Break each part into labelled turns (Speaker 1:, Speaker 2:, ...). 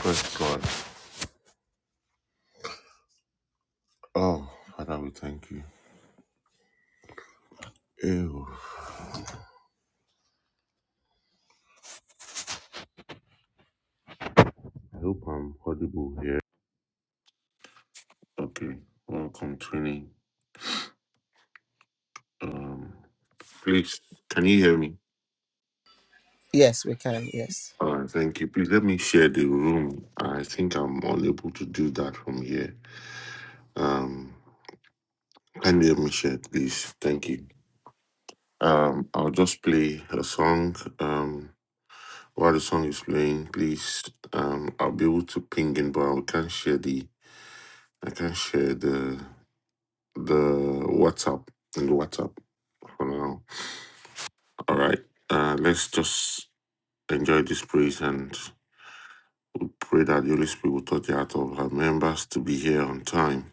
Speaker 1: Praise God. Oh, Father, we thank you. Ew. I hope I'm audible here. Okay. Welcome, Trini. Um, please, can you hear me?
Speaker 2: Yes, we can. Yes.
Speaker 1: All right, thank you. Please let me share the room. I think I'm unable to do that from here. Um, can you let me share, please? Thank you. Um, I'll just play a song. Um, while the song is playing, please, um, I'll be able to ping in, but I can't share the, I can't share the the WhatsApp and the WhatsApp for now. All right. Uh, let's just enjoy this praise and pray that the Holy Spirit will touch the heart of our members to be here on time.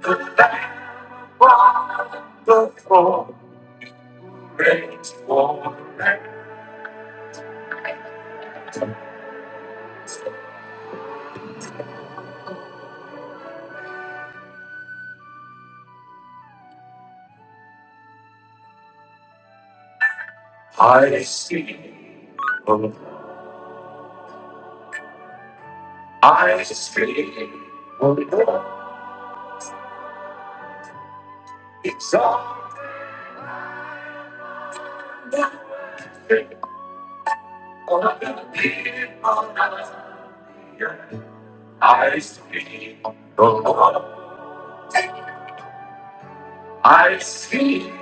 Speaker 1: The Lamb upon the throne reigns forever. I see the Lord. I see the Lord. Exalt the worship of the people of the earth. I see the Lord. I see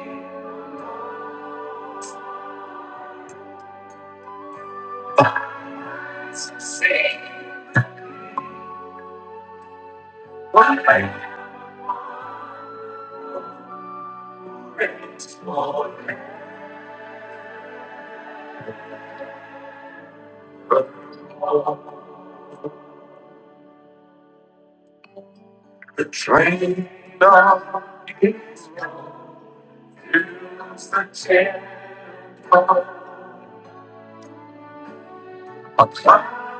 Speaker 1: sing when I praise for The train of his hears the chant of a cloud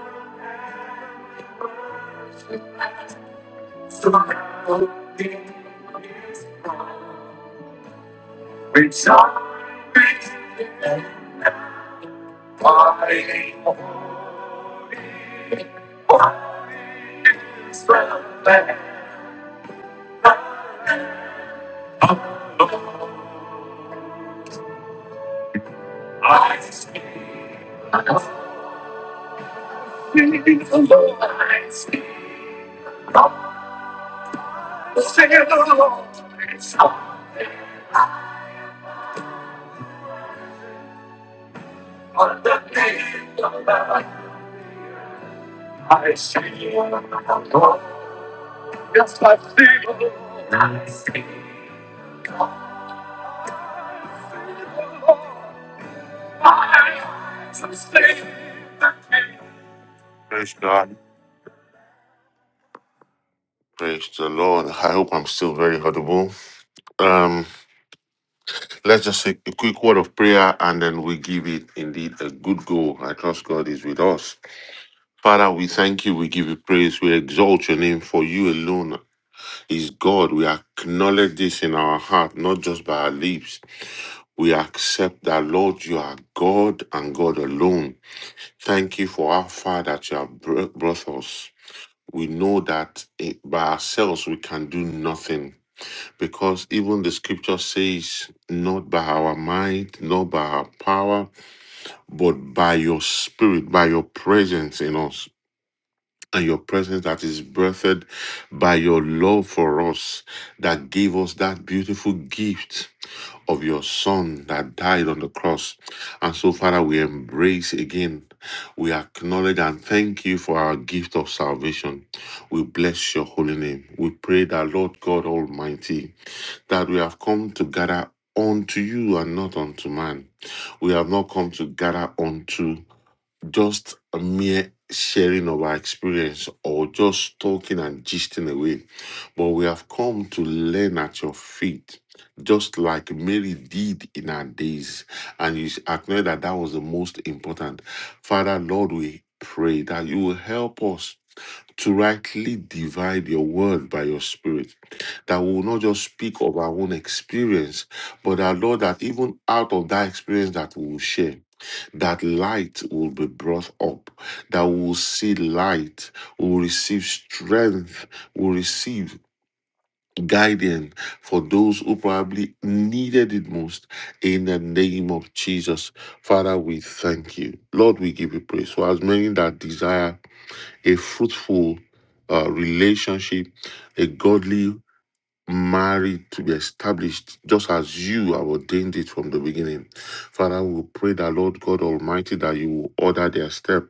Speaker 1: surrounding his throne. Rejoice and party for Israel land. I see the Lord, I see the Lord, it's on the day of the I see God. Yes, I see God. I see God. I see the Lord. I see the King. Praise God. Praise the Lord. I hope I'm still very audible. Um, let's just take a quick word of prayer and then we give it indeed a good go. I trust God is with us. Father, we thank you. We give you praise. We exalt your name for you alone is God. We acknowledge this in our heart, not just by our lips. We accept that, Lord, you are God and God alone. Thank you for how far that you have br- brought us. We know that eh, by ourselves we can do nothing because even the scripture says, not by our might, not by our power, but by your spirit, by your presence in us and your presence that is birthed by your love for us that gave us that beautiful gift of your son that died on the cross. And so, Father, we embrace again, we acknowledge and thank you for our gift of salvation. We bless your holy name. We pray that, Lord God Almighty, that we have come to gather unto you and not unto man. We have not come to gather unto just a mere sharing of our experience or just talking and gisting away, but we have come to learn at your feet, just like Mary did in her days. And you acknowledge that that was the most important. Father, Lord, we pray that you will help us to rightly divide your word by your spirit, that we will not just speak of our own experience, but that, Lord, that even out of that experience that we will share that light will be brought up, that we will see light, we will receive strength, we will receive guidance for those who probably needed it most. In the name of Jesus, Father, we thank you. Lord, we give you praise. For as many that desire a fruitful uh, relationship, a godly married to be established just as you have ordained it from the beginning. Father, we pray that Lord God Almighty that you will order their step.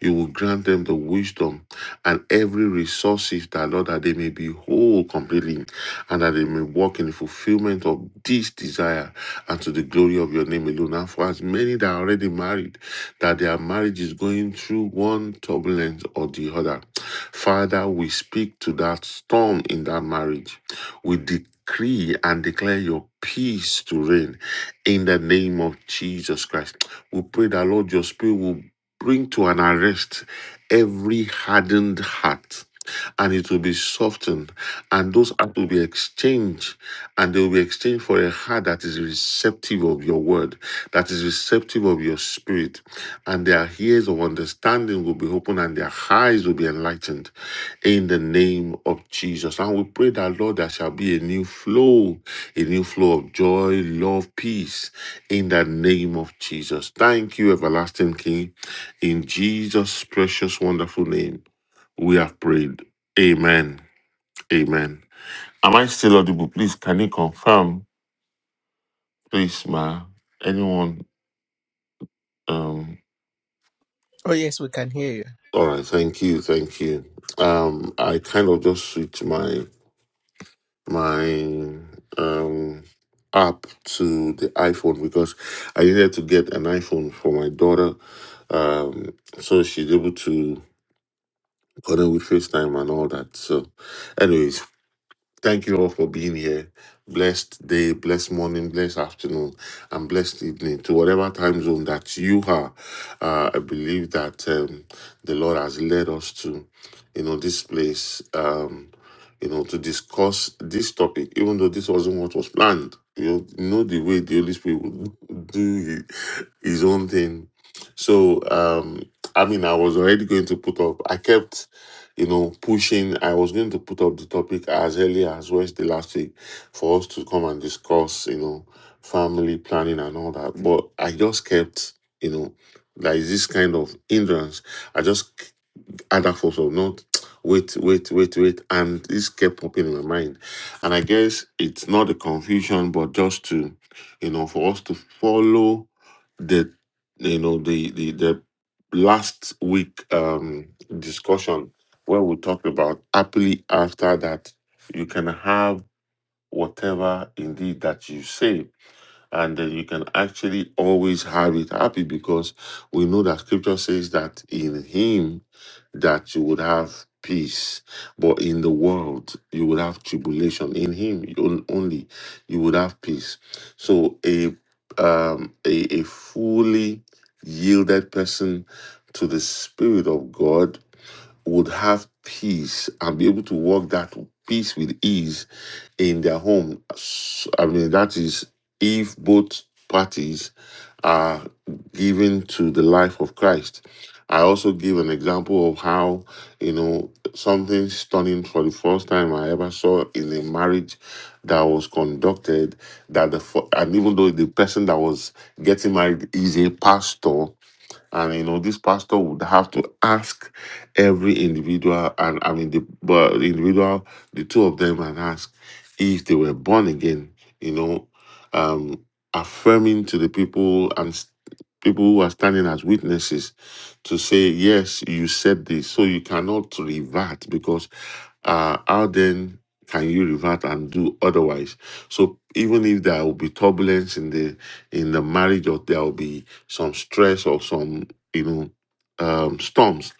Speaker 1: You will grant them the wisdom and every resources that Lord that they may be whole completely and that they may walk in the fulfillment of this desire and to the glory of your name alone. And for as many that are already married, that their marriage is going through one turbulence or the other. Father, we speak to that storm in that marriage. We decree and declare your peace to reign in the name of Jesus Christ. We pray that, Lord, your spirit will bring to an arrest every hardened heart and it will be softened and those hearts will be exchanged and they will be exchanged for a heart that is receptive of your word, that is receptive of your spirit, and their ears of understanding will be open and their eyes will be enlightened in the name of Jesus. And we pray that, Lord, there shall be a new flow, a new flow of joy, love, peace in the name of Jesus. Thank you, everlasting King. In Jesus' precious, wonderful name, we have prayed. Amen. Amen. Am I still audible? Please, can you confirm, please, ma? Anyone? Um.
Speaker 2: Oh, yes, we can hear you.
Speaker 1: All right. Thank you. Thank you. Um. I kind of just switched my my um app to the iPhone because I needed to get an iPhone for my daughter. Um. So she's able to connect with FaceTime and all that. So, anyways, Thank you all for being here. Blessed day, blessed morning, blessed afternoon, and blessed evening to whatever time zone that you are. Uh, I believe that um, the Lord has led us to, you know, this place, um, you know, to discuss this topic, even though this wasn't what was planned. You know, you know the way the Holy Spirit would do his own thing. So, um, I mean, I was already going to put up. I kept you know, pushing. I was going to put up the topic as early as Wednesday last week for us to come and discuss, you know, family planning and all that. But I just kept, you know, like this kind of hindrance. I just other forms of not wait, wait, wait, wait. And this kept popping in my mind. And I guess it's not a confusion, but just to, you know, for us to follow the, you know, the the, the last week um discussion where we talked about happily after that you can have whatever indeed that you say and then you can actually always have it happy because we know that scripture says that in him that you would have peace but in the world you would have tribulation in him you- only you would have peace so a um a, a fully yielded person to the spirit of god would have peace and be able to walk that peace with ease in their home. S- I mean, that is if both parties are given to the life of Christ. I also give an example of how, you know, something stunning for the first time I ever saw in a marriage that was conducted. That the fir- and even though the person that was getting married is a pastor, and you know this pastor would have to ask every individual and i mean the but the individual the two of them and ask if they were born again you know um affirming to the people and s- people who are standing as witnesses to say yes you said this so you cannot revert because uh how then can you revert and do otherwise so even if there will be turbulence in the in the marriage or there will be some stress or some you know um, storms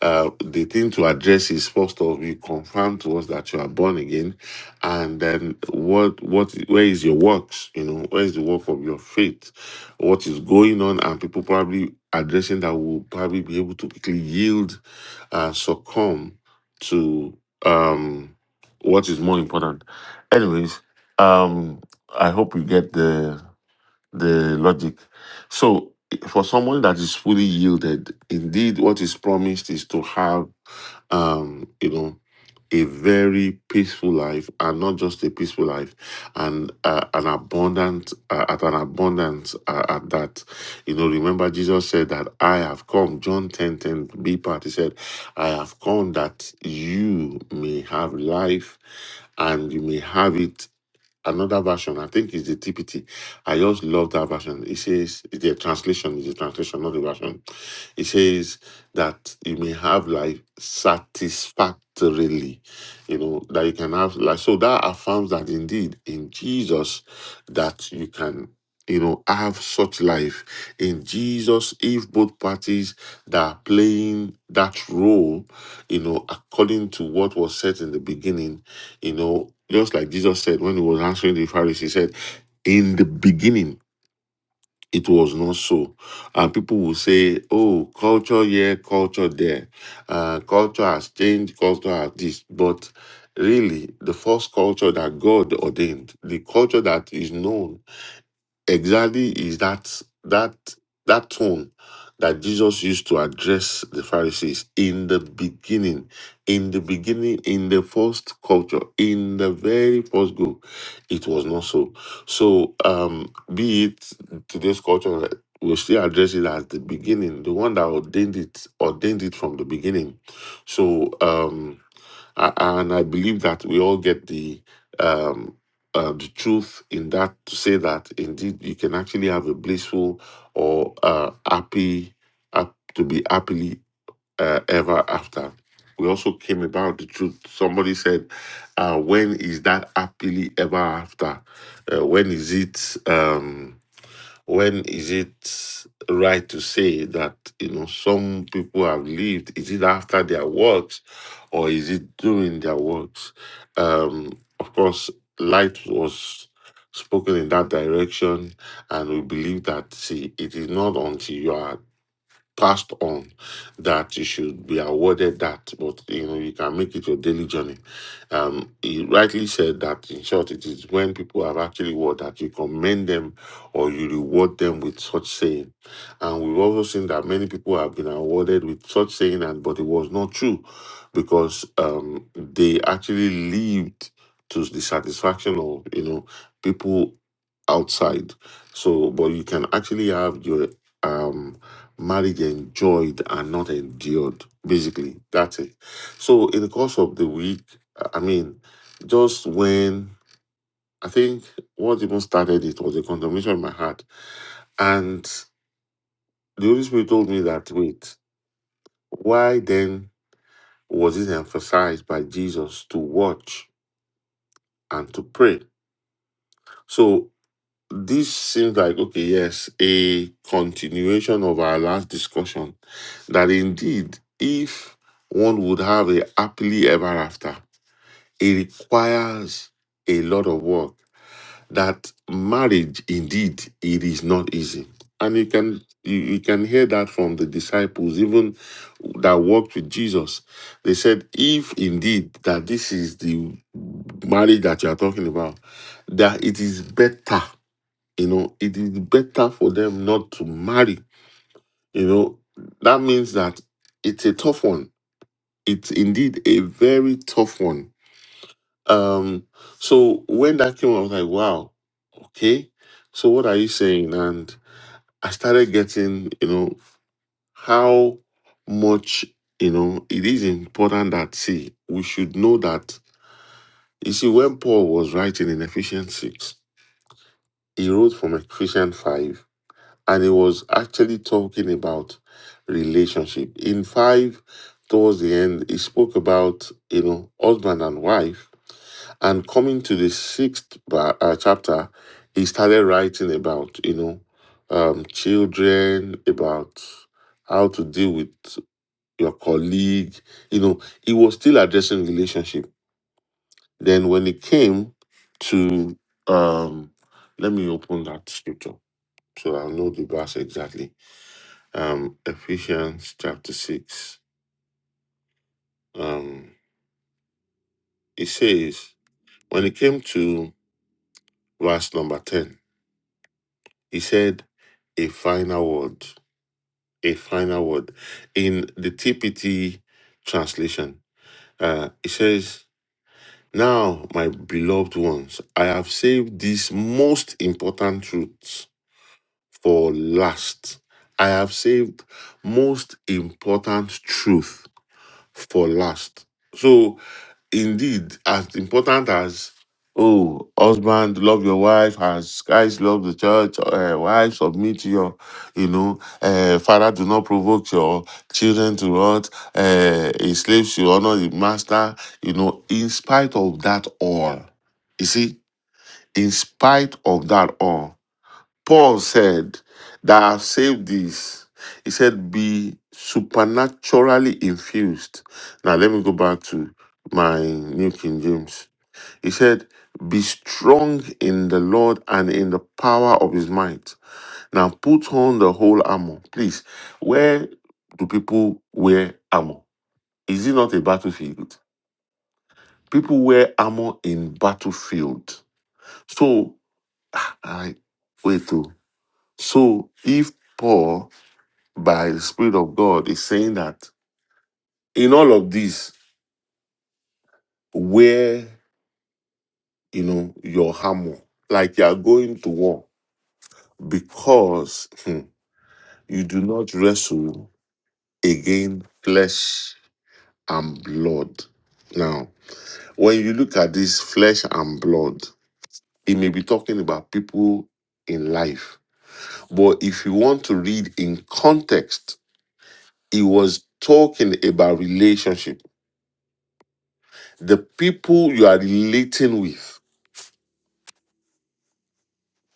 Speaker 1: uh, the thing to address is first of all you confirm to us that you are born again and then what what where is your works you know where is the work of your faith what is going on and people probably addressing that will probably be able to quickly yield and succumb to um what is more important anyways um i hope you get the the logic. So, for someone that is fully yielded, indeed, what is promised is to have, um, you know, a very peaceful life, and not just a peaceful life, and uh, an abundant uh, at an abundance uh, at that. You know, remember Jesus said that I have come. John 10 10 B part. He said, I have come that you may have life, and you may have it another version. I think it's the TPT. I just love that version. It says the translation is the translation, not the version. It says that you may have life satisfactorily. You know that you can have life. So that affirms that indeed in Jesus that you can. You know, have such life in Jesus if both parties that are playing that role, you know, according to what was said in the beginning, you know, just like Jesus said when he was answering the Pharisees, he said, In the beginning, it was not so. And people will say, Oh, culture here, culture there. Uh, culture has changed, culture has this. But really, the first culture that God ordained, the culture that is known exactly is that that that tone that Jesus used to address the Pharisees in the beginning, in the beginning, in the first culture, in the very first group, it was not so. So, um, be it today's culture, we still address it as the beginning, the one that ordained it, ordained it from the beginning. So, um, a- and I believe that we all get the um, uh, the truth in that to say that indeed you can actually have a blissful or uh, happy hap- to be happily uh, ever after. We also came about the truth. Somebody said, uh, "When is that happily ever after? Uh, when is it?" Um, when is it right to say that you know some people have lived is it after their works or is it during their works um of course light was spoken in that direction and we believe that see it is not until you are passed on that you should be awarded that, but you know, you can make it your daily journey. Um, he rightly said that in short, it is when people have actually worked that you commend them or you reward them with such saying. And we've also seen that many people have been awarded with such saying, and but it was not true because um, they actually lived to the satisfaction of you know people outside. So, but you can actually have your um marriage enjoyed and not endured. Basically, that's it. So, in the course of the week, I mean, just when I think what even started it was a condemnation in my heart, and the Holy Spirit told me that wait, why then was it emphasized by Jesus to watch and to pray? So this seems like okay yes a continuation of our last discussion that indeed if one would have a happily ever after it requires a lot of work that marriage indeed it is not easy and you can you, you can hear that from the disciples even that walked with jesus they said if indeed that this is the marriage that you are talking about that it is better you know, it is better for them not to marry. You know, that means that it's a tough one. It's indeed a very tough one. Um, so when that came, I was like, wow, okay. So what are you saying? And I started getting, you know, how much, you know, it is important that see, we should know that you see, when Paul was writing in Ephesians 6, he wrote from Ephesians 5 and he was actually talking about relationship. In five, towards the end, he spoke about you know husband and wife, and coming to the sixth ba- uh, chapter, he started writing about you know um, children, about how to deal with your colleague. You know, he was still addressing relationship. Then when it came to um, let me open that scripture so I'll know the verse exactly um, Ephesians chapter 6. Um, it says, when it came to verse number 10, he said, a final word, a final word. In the TPT translation, uh, it says, Now, my beloved ones, I have saved these most important truths for last. I have saved most important truth for last. So. indeed as important as oh husband love your wife as christ love the church uh, wife submit to your you know uh, father do not provoke your children to rot uh, a slave should honor the master you know in spite of that all you see in spite of that all Paul said that I've saved this. He said, be supernaturally infused. Now let me go back to my New King James. He said, be strong in the Lord and in the power of his might. Now put on the whole armor. Please, where do people wear armor? Is it not a battlefield? People wear armor in battlefield. So, I wait. oh. So if Paul by the Spirit of God is saying that in all of this, wear, you know, your hammer, like you are going to war, because hmm, you do not wrestle against flesh and blood. Now, when you look at this flesh and blood, it may be talking about people in life. But if you want to read in context, it was talking about relationship. The people you are relating with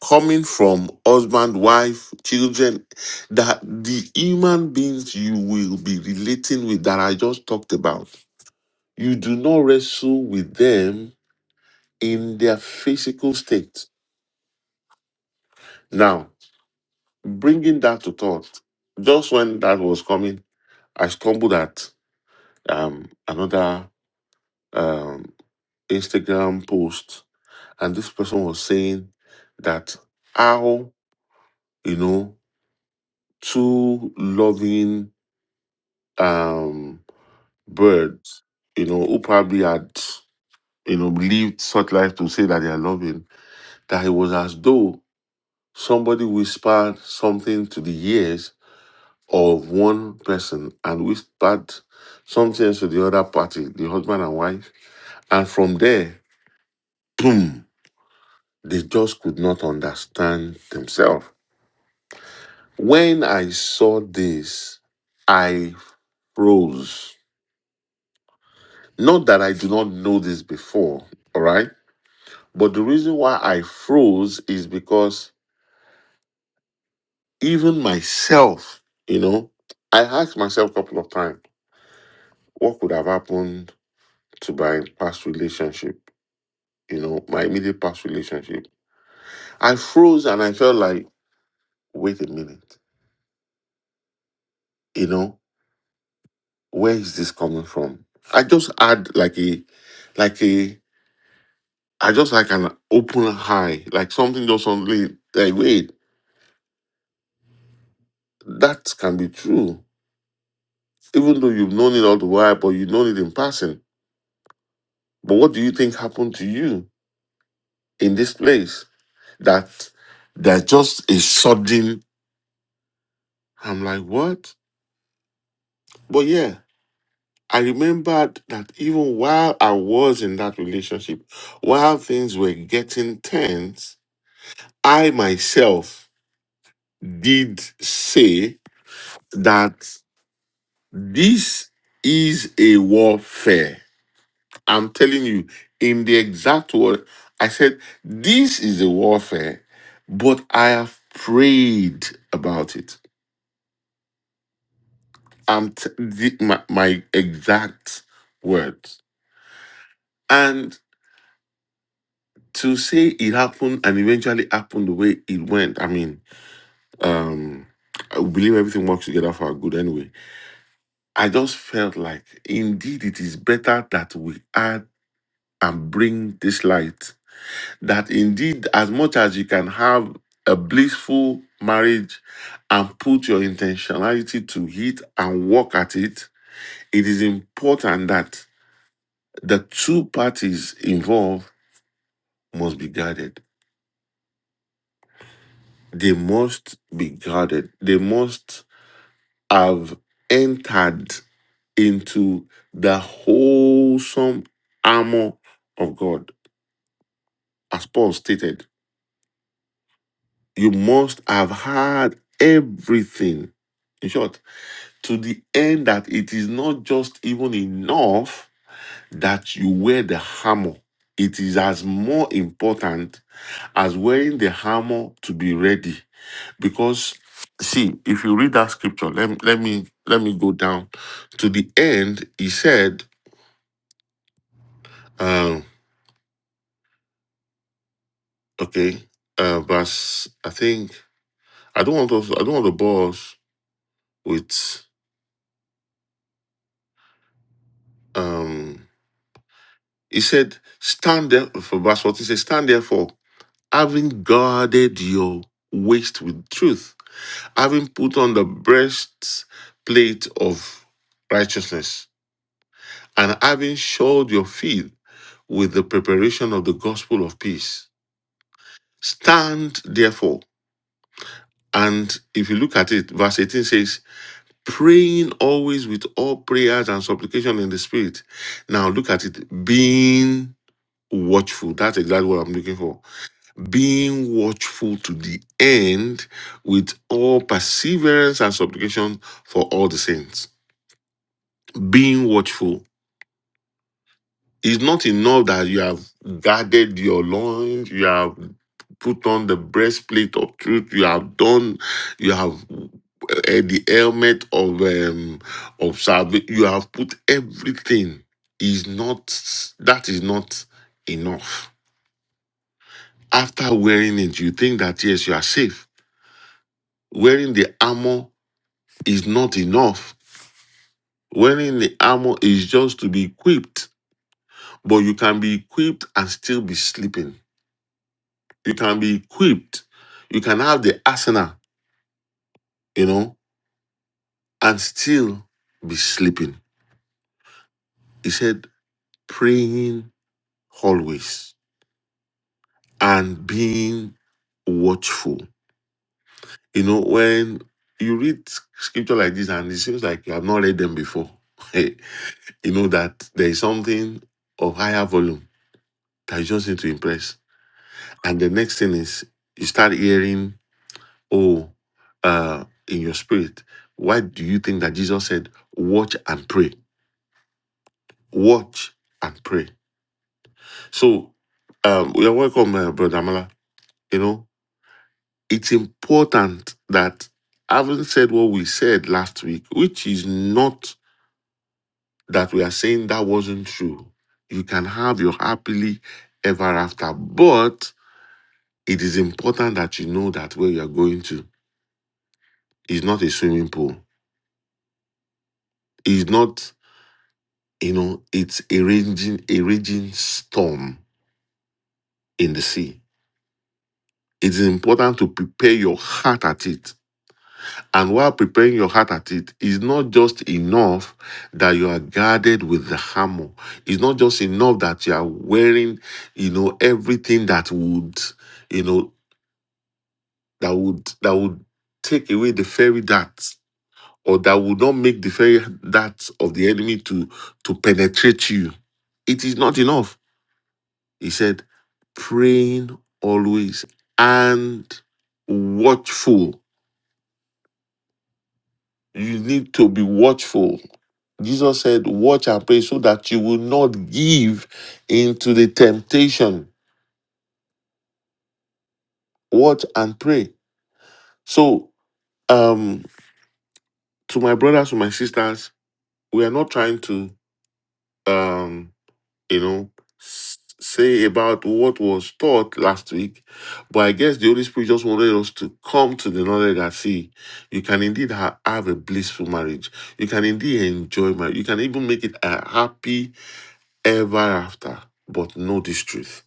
Speaker 1: coming from husband, wife, children, that the human beings you will be relating with that I just talked about, you do not wrestle with them in their physical state. Now, bringing that to thought, just when that was coming, I stumbled at um, another um, Instagram post, and this person was saying that how, you know, two loving, um, birds, you know, who probably had, you know, lived such life to say that they are loving, that it was as though somebody whispered something to the ears of one person and whispered something else to the other party, the husband and wife. And from there, boom, they just could not understand themselves. When I saw this, I froze. Not that I do not know this before, all right? But the reason why I froze is because even myself, you know, I asked myself a couple of times, what could have happened to my past relationship, you know, my immediate past relationship? I froze and I felt like, wait a minute, you know, where is this coming from? I just had like a, like a, I just like an open eye, like something just suddenly, like, wait, that can be true. Even though you've known it all the while, but you've known it in passing But what do you think happened to you in this place that that just a sudden I'm like, what? But yeah, I remembered that even while I was in that relationship, while things were getting tense, I myself did say that this is a warfare. I'm telling you, in the exact word, I said, This is the warfare, but I have prayed about it. I'm t- the, my, my exact words. And to say it happened and eventually happened the way it went, I mean, um, I believe everything works together for our good anyway. I just felt like indeed it is better that we add and bring this light that indeed, as much as you can have a blissful marriage and put your intentionality to it and work at it, it is important that the two parties involved must be guarded. They must be guarded. They must have entered into the wholesome armor of God. As Paul stated, you must have had everything. In short, to the end that it is not just even enough that you wear the armor. It is as more important as wearing the armor to be ready. Because see, if you read that scripture, let, let me let me go down to the end. He said, uh, okay, uh, verse I think I don't want to I don't want to bore us with um he said, stand there for verse 14 he said, stand therefore having guarded your waist with truth, having put on the breastplate of righteousness, and having shod your feet with the preparation of the gospel of peace. Stand therefore. And if you look at it, verse 18 says, praying always with all prayers and supplication in the spirit. Now look at it, being watchful. That's exactly what I'm looking for being watchful to the end with all perseverance and supplication for all the saints. Being watchful is not enough that you have guarded your loins, you have put on the breastplate of truth, you have done, you have uh, the helmet of um, of salvation. You have put everything. Is not that is not enough. After wearing it, you think that yes, you are safe. Wearing the armor is not enough. Wearing the armor is just to be equipped, but you can be equipped and still be sleeping. You can be equipped, you can have the arsenal, you know, and still be sleeping. He said, praying always and being watchful. You know, when you read scripture like this and it seems like you have not read them before, you know that there is something of higher volume that you just need to impress And the next thing is you start hearing, oh, uh, in your spirit, why do you think that Jesus said, watch and pray? Watch and pray. So um, you're welcome, uh, Brother Amala. You know, it's important that having said what we said last week, which is not that we are saying that wasn't true. You can have your happily ever after, but it is important that you know that where you are going to is not a swimming pool It's not, you know, it's a raging, a raging storm in the sea. It's important to prepare your heart at it. And while preparing your heart at it, it's not just enough that you are guarded with the hammer. It's not just enough that you are wearing, you know, everything that would, you know, that would that would take away the fairy darts or that would not make the fairy darts of the enemy to to penetrate you. It is not enough He said, praying always and watchful. You need to be watchful. Jesus said, Watch and pray so that you will not give into the temptation. Watch and pray. So, um, to my brothers, to my sisters, we are not trying to um you know, s- say about what was taught last week. But I guess the Holy Spirit just wanted us to come to the knowledge that, see, you can indeed ha- have a blissful marriage. You can indeed enjoy marriage. You can even make it a happy ever after. But know this truth.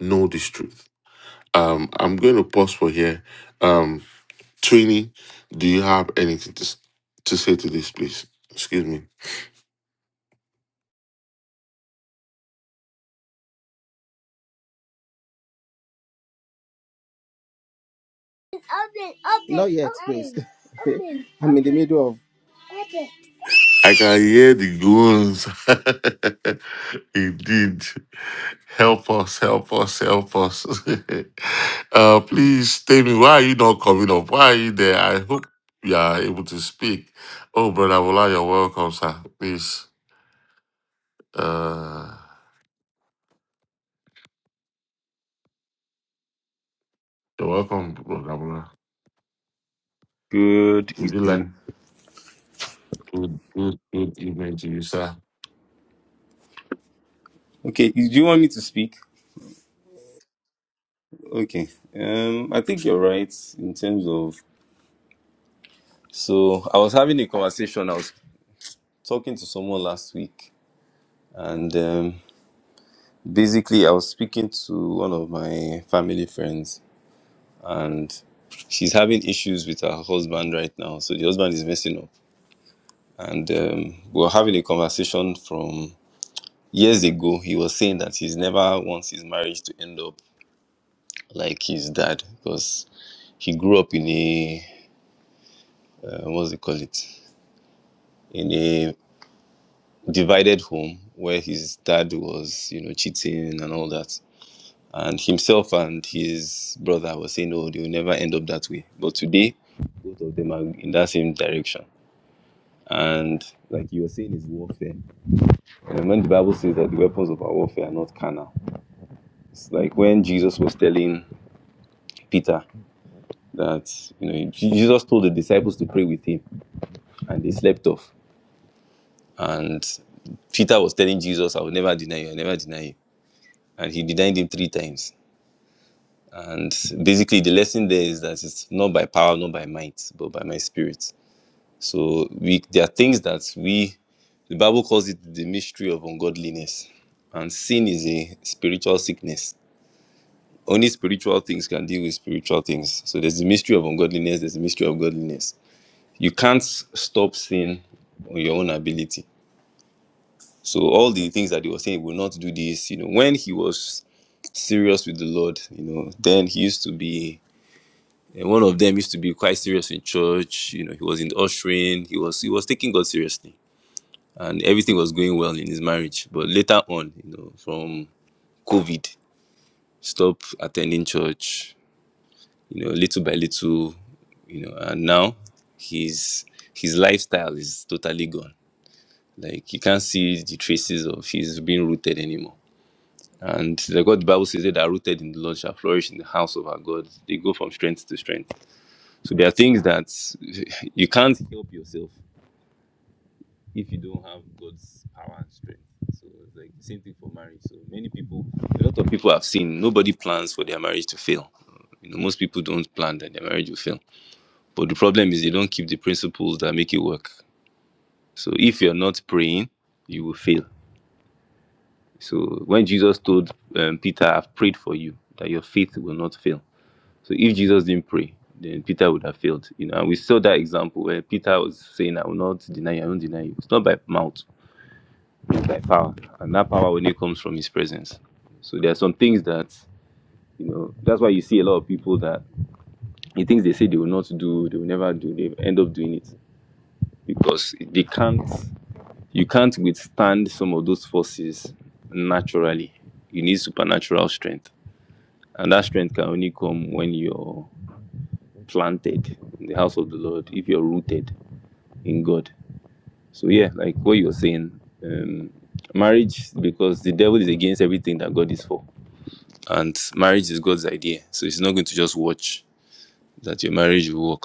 Speaker 1: Know this truth. Um, I'm going to pause for here. Um, Trini, do you have anything to, s- to say to this, please? Excuse me.
Speaker 2: Open, open, Not yet, open, please. Open, open.
Speaker 1: I can hear the groans. Indeed. Help us, help us, help us. uh, please tell me, why are you not coming up? Why are you there? I hope you are able to speak. Oh, Brother Bola, you're welcome, sir. Please. Uh, you're welcome, Brother Bola.
Speaker 3: Good
Speaker 1: Would you like
Speaker 3: evening.
Speaker 1: good, good, good evening to you, sir?
Speaker 3: Okay, do you want me to speak? Okay. Um, I think you're right in terms of. So I was having a conversation. I was talking to someone last week, and um, basically I was speaking to one of my family friends, and she's having issues with her husband right now. So the husband is messing up, and um, we were having a conversation from years ago. He was saying that he's never wants his marriage to end up like his dad because he grew up in a uh, what's it call it in a divided home where his dad was you know cheating and all that and himself and his brother were saying "No, they will never end up that way but today both of them are in that same direction and like you were saying is warfare and when the bible says that the weapons of our warfare are not carnal it's like when jesus was telling peter that you know jesus told the disciples to pray with him and they slept off And Peter was telling Jesus, I will never deny you, I will never deny you. And he denied him three times. And basically, the lesson there is that it's not by power, not by might, but by my spirit. So we, there are things that we, the Bible calls it the mystery of ungodliness. And sin is a spiritual sickness. Only spiritual things can deal with spiritual things. So there's the mystery of ungodliness, there's the mystery of godliness. You can't stop sin on your own ability So all the things that he was saying, he will not do this. You know, when he was serious with the Lord, you know, then he used to be. And one of them used to be quite serious in church. You know, he was in the ushering. He was he was taking God seriously, and everything was going well in his marriage. But later on, you know, from COVID, stop attending church. You know, little by little, you know, and now his his lifestyle is totally gone. Like you can't see the traces of his being rooted anymore And the God the Bible says they that are rooted in the Lord shall flourish in the house of our God. They go from strength to strength. So there are things that you can't help yourself if you don't have God's power and strength. So it's like the same thing for marriage. So many people, a lot of people have seen nobody plans for their marriage to fail. You know, most people don't plan that their marriage will fail. But the problem is they don't keep the principles that make it work. So if you're not praying, you will fail. So when Jesus told um, Peter, I've prayed for you that your faith will not fail So if Jesus didn't pray, then Peter would have failed. You know, and we saw that example where Peter was saying, I will not deny you, I won't deny you. It's not by mouth, it's by power. And that power only comes from his presence. So there are some things that, you know, that's why you see a lot of people that the things they say they will not do, they will never do, they end up doing it. Because they can't you can't withstand some of those forces naturally. You need supernatural strength. And that strength can only come when you're planted in the house of the Lord, if you're rooted in God. So yeah, like what you're saying, um, marriage because the devil is against everything that God is for, and marriage is God's idea. So it's not going to just watch that your marriage will work.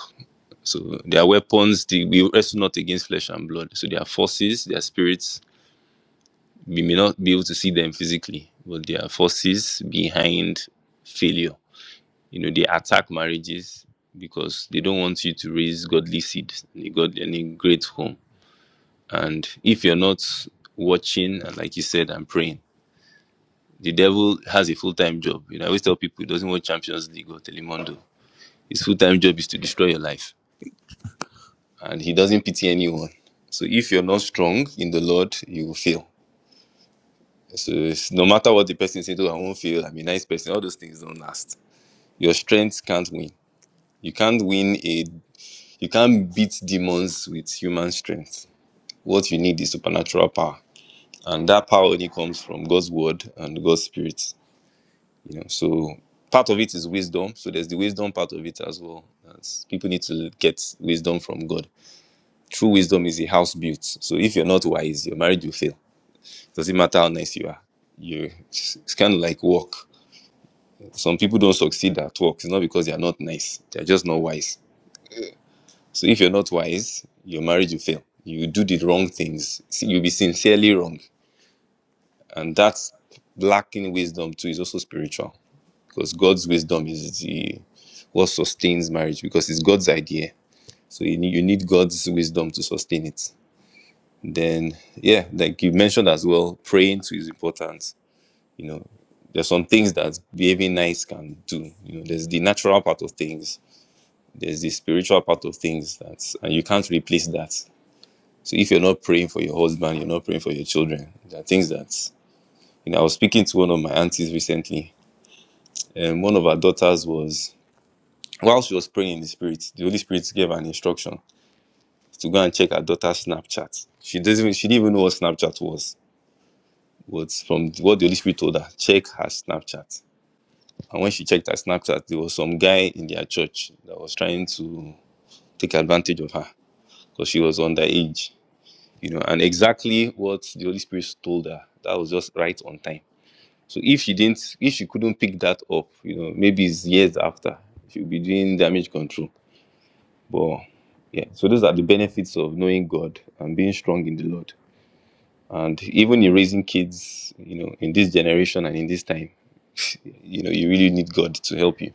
Speaker 3: So there are weapons. The, we wrestle not against flesh and blood. So there are forces, there are spirits. We may not be able to see them physically, but there are forces behind failure You know, they attack marriages because they don't want you to raise godly seeds in a godly and a great home. And if you're not watching and like you said, and praying, the devil has a full time job. You know, I always tell people he doesn't watch Champions League or Telemundo. His full time job is to destroy your life. And he doesn't pity anyone. So if you're not strong in the Lord, you will fail. So it's, no matter what the person says, oh, I won't fail, I'm a nice person, all those things don't last. Your strength can't win. You can't win a You can't beat demons with human strength. What you need is supernatural power. And that power only comes from God's word and God's spirit. You know, so part of it is wisdom. So there's the wisdom part of it as well. That's, people need to get wisdom from God. True wisdom is a house built. So if you're not wise, your marriage will fail. Doesn't matter how nice you are. You it's kind of like work. Some people don't succeed at work. It's not because they are not nice. They're just not wise So if you're not wise, your marriage will fail. You do the wrong things. See, You'll be sincerely wrong. And that's lacking wisdom too is also spiritual. Because God's wisdom is the what sustains marriage because it's God's idea. So you need, you need God's wisdom to sustain it. Then yeah, like you mentioned as well, praying too is important. You know, there's some things that behaving nice can do. You know, there's the natural part of things, there's the spiritual part of things that and you can't replace that. So if you're not praying for your husband, you're not praying for your children. There are things that you know. I was speaking to one of my aunties recently, and one of her daughters was while she was praying in the spirit, the Holy Spirit gave her an instruction to go and check her daughter's Snapchat. She doesn't even she didn't even know what Snapchat was. But from what the Holy Spirit told her, check her Snapchat. And when she checked her Snapchat, there was some guy in their church that was trying to take advantage of her because she was underage. You know, and exactly what the Holy Spirit told her, that was just right on time So if she didn't, if she couldn't pick that up, you know, maybe it's years after she'll be doing damage control. But yeah, so those are the benefits of knowing God and being strong in the Lord. And even in raising kids, you know, in this generation and in this time, you know, you really need God to help you.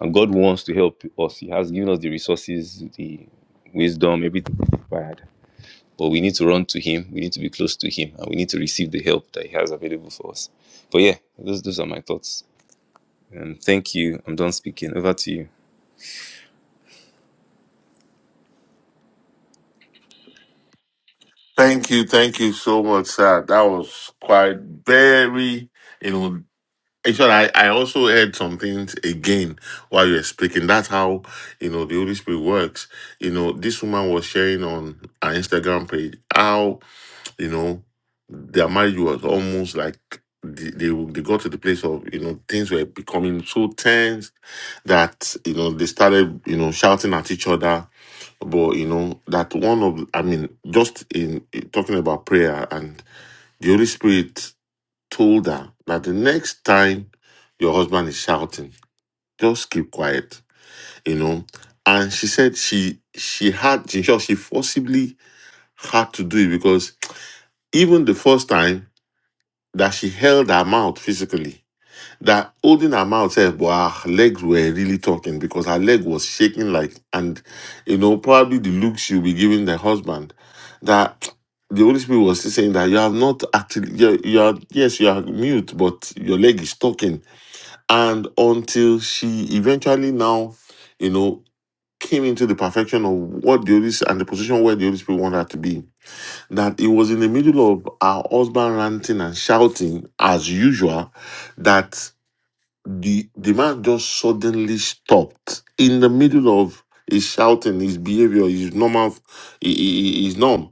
Speaker 3: And God wants to help us. He has given us the resources, the wisdom, everything required. But we need to run to Him. We need to be close to Him, and we need to receive the help that He has available for us. But yeah, those those are my thoughts. Um, thank you. I'm done speaking. Over to you.
Speaker 1: Thank you, thank you so much, sir. That was quite very you know. Actually, I, I also heard some things again while you're speaking. That's how you know the Holy Spirit works. You know, this woman was sharing on her Instagram page how you know their marriage was almost like they, they they got to the place of you know things were becoming so tense that you know they started you know shouting at each other. But you know that one of I mean just in talking about prayer and the Holy Spirit told her that the next time your husband is shouting, just keep quiet, you know. And she said she she had she sure she forcibly had to do it because even the first time that she held her mouth physically, that holding her mouth said, well, her legs were really talking because her leg was shaking like and you know, probably the look she'll be giving the husband that the Holy Spirit was still saying that you have not actually, you, you are, yes, you are mute, but your leg is talking and until she eventually now you know came into the perfection of what the holy Spirit and the position where the holy spirit wanted her to be that it was in the middle of her husband ranting and shouting as usual that the the man just suddenly stopped in the middle of his shouting his behavior his normal he- his norm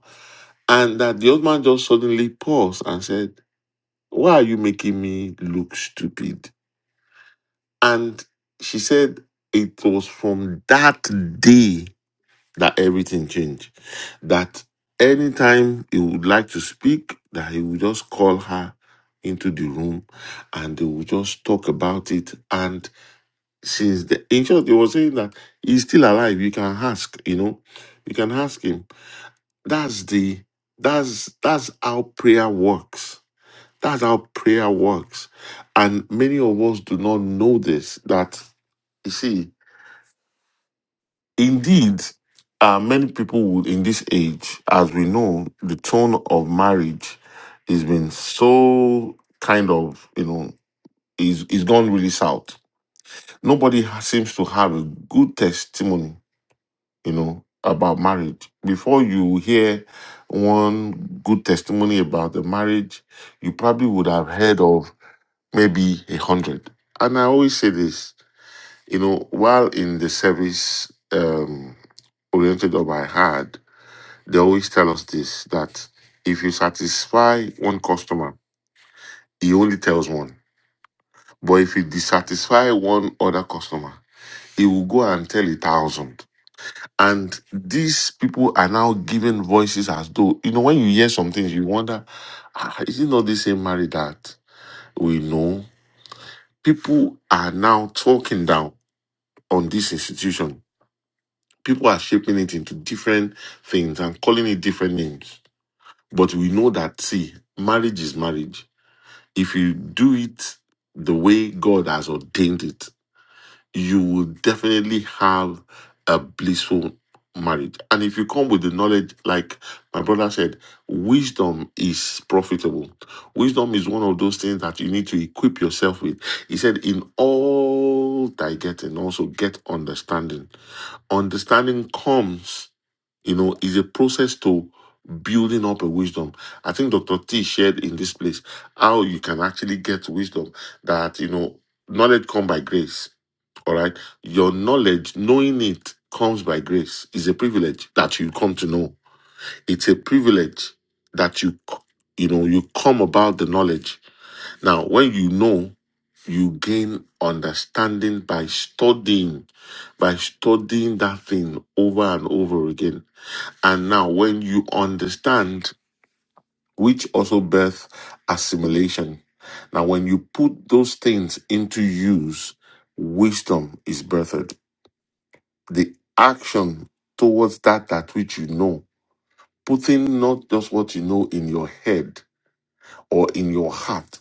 Speaker 1: and that the husband just suddenly paused and said why are you making me look stupid And she said it was from that day that everything changed. That anytime he would like to speak, that he would just call her into the room and they would just talk about it. And since the in short, they were saying that he's still alive. You can ask, you know, you can ask him. That's the that's that's how prayer works. That's how prayer works. And many of us do not know this that you see Indeed, uh, many people would, in this age, as we know, the tone of marriage has been so kind of, you know, is is gone really south. Nobody ha- seems to have a good testimony, you know, about marriage. Before you hear one good testimony about the marriage, you probably would have heard of maybe a hundred. And I always say this, you know, while in the service um, oriented job I had, They always tell us this that if you satisfy one customer, he only tells one. But if you dissatisfy one other customer, he will go and tell a thousand. And these people are now giving voices as though, you know, when you hear some things, you wonder, ah, is it not the same Mary that we know? People are now talking down on this institution. People are shaping it into different things and calling it different names. But we know that, see, marriage is marriage if you do it the way God has ordained it, you will definitely have a blissful marriage. And if you come with the knowledge, like my brother said, wisdom is profitable. Wisdom is one of those things that you need to equip yourself with. He said, In all thy getting, also get understanding. Understanding comes. You know, it's a process to building up a wisdom. I think Dr. T shared in this place how you can actually get wisdom that, you know, knowledge come by grace. All right. Your knowledge, knowing it comes by grace, is a privilege that you come to know. It's a privilege that you, c- you know, you come about the knowledge. Now, when you know, you gain understanding by studying, by studying that thing over and over again. And now, when you understand, which also birth assimilation. Now, when you put those things into use, wisdom is birthed. The action towards that that which you know, putting not just what you know in your head or in your heart,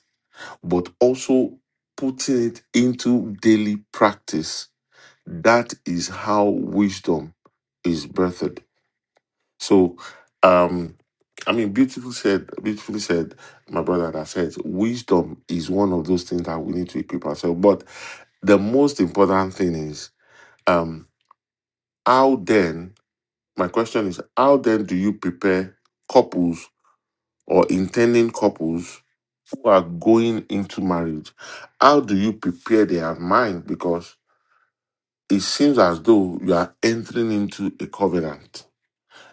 Speaker 1: but also putting it into daily practice. That is how wisdom is birthed So, um, I mean, beautiful said, beautifully said, my brother that said, wisdom is one of those things that we need to equip ourselves. But the most important thing is, um, how then, my question is, how then do you prepare couples or intending couples who are going into marriage? How do you prepare their mind? Because it seems as though you are entering into a covenant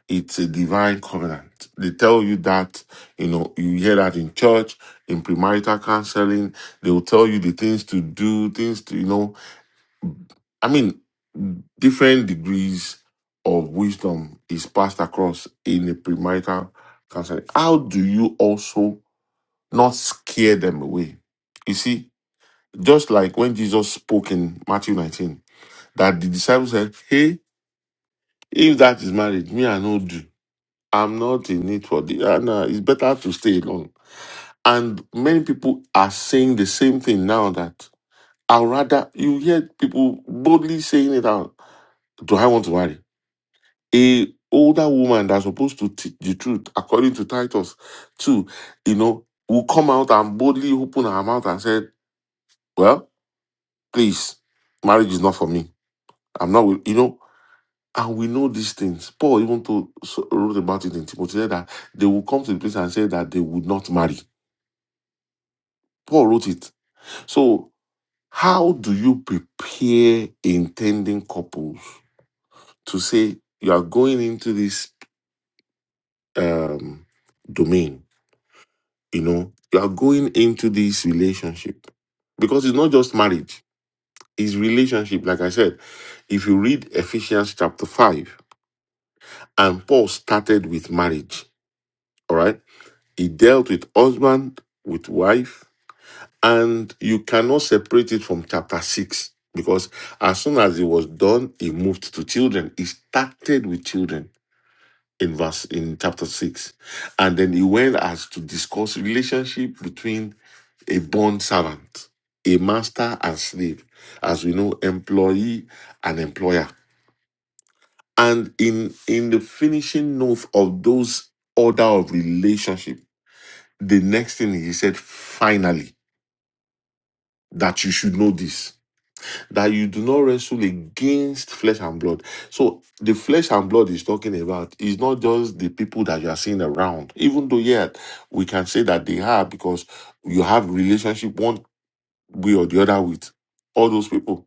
Speaker 1: it's a divine covenant. They tell you that, you know, you hear that in church, in premarital counseling. They will tell you the things to do, things to, you know, I mean, different degrees of wisdom is passed across in the premarital counseling. How do you also not scare them away? You see, just like when Jesus spoke in Matthew 19, that the disciples said, Hey, if that is marriage, me, I know do. I'm not in need for the. Uh, no, it's better to stay alone. And many people are saying the same thing now that I'd rather you hear people boldly saying it out. Do I want to marry a older woman that's supposed to teach the truth according to Titus two, You know, will come out and boldly open her mouth and said, "Well, please, marriage is not for me. I'm not. with-" You know." And we know these things. Paul even told, so- wrote about it in Timothy that they will come to the place and say that they would not marry Paul wrote it. So, how do you prepare intending couples to say you are going into this um, domain? You know, you are going into this relationship because it's not just marriage; it's relationship. Like I said, if you read Ephesians chapter five, and Paul started with marriage. All right, he dealt with husband, with wife, And you cannot separate it from chapter 6 because as soon as it was done, it moved to children. It started with children in verse in chapter 6. And then he went as to discuss relationship between a bond servant, a master and slave, as we know, employee and employer. And in in the finishing note of those order of relationship, the next thing he said, finally, that you should know this that you do not wrestle against flesh and blood. So the flesh and blood is talking about is not just the people that you are seeing around, even though yet we can say that they are because you have relationship one way or the other with all those people.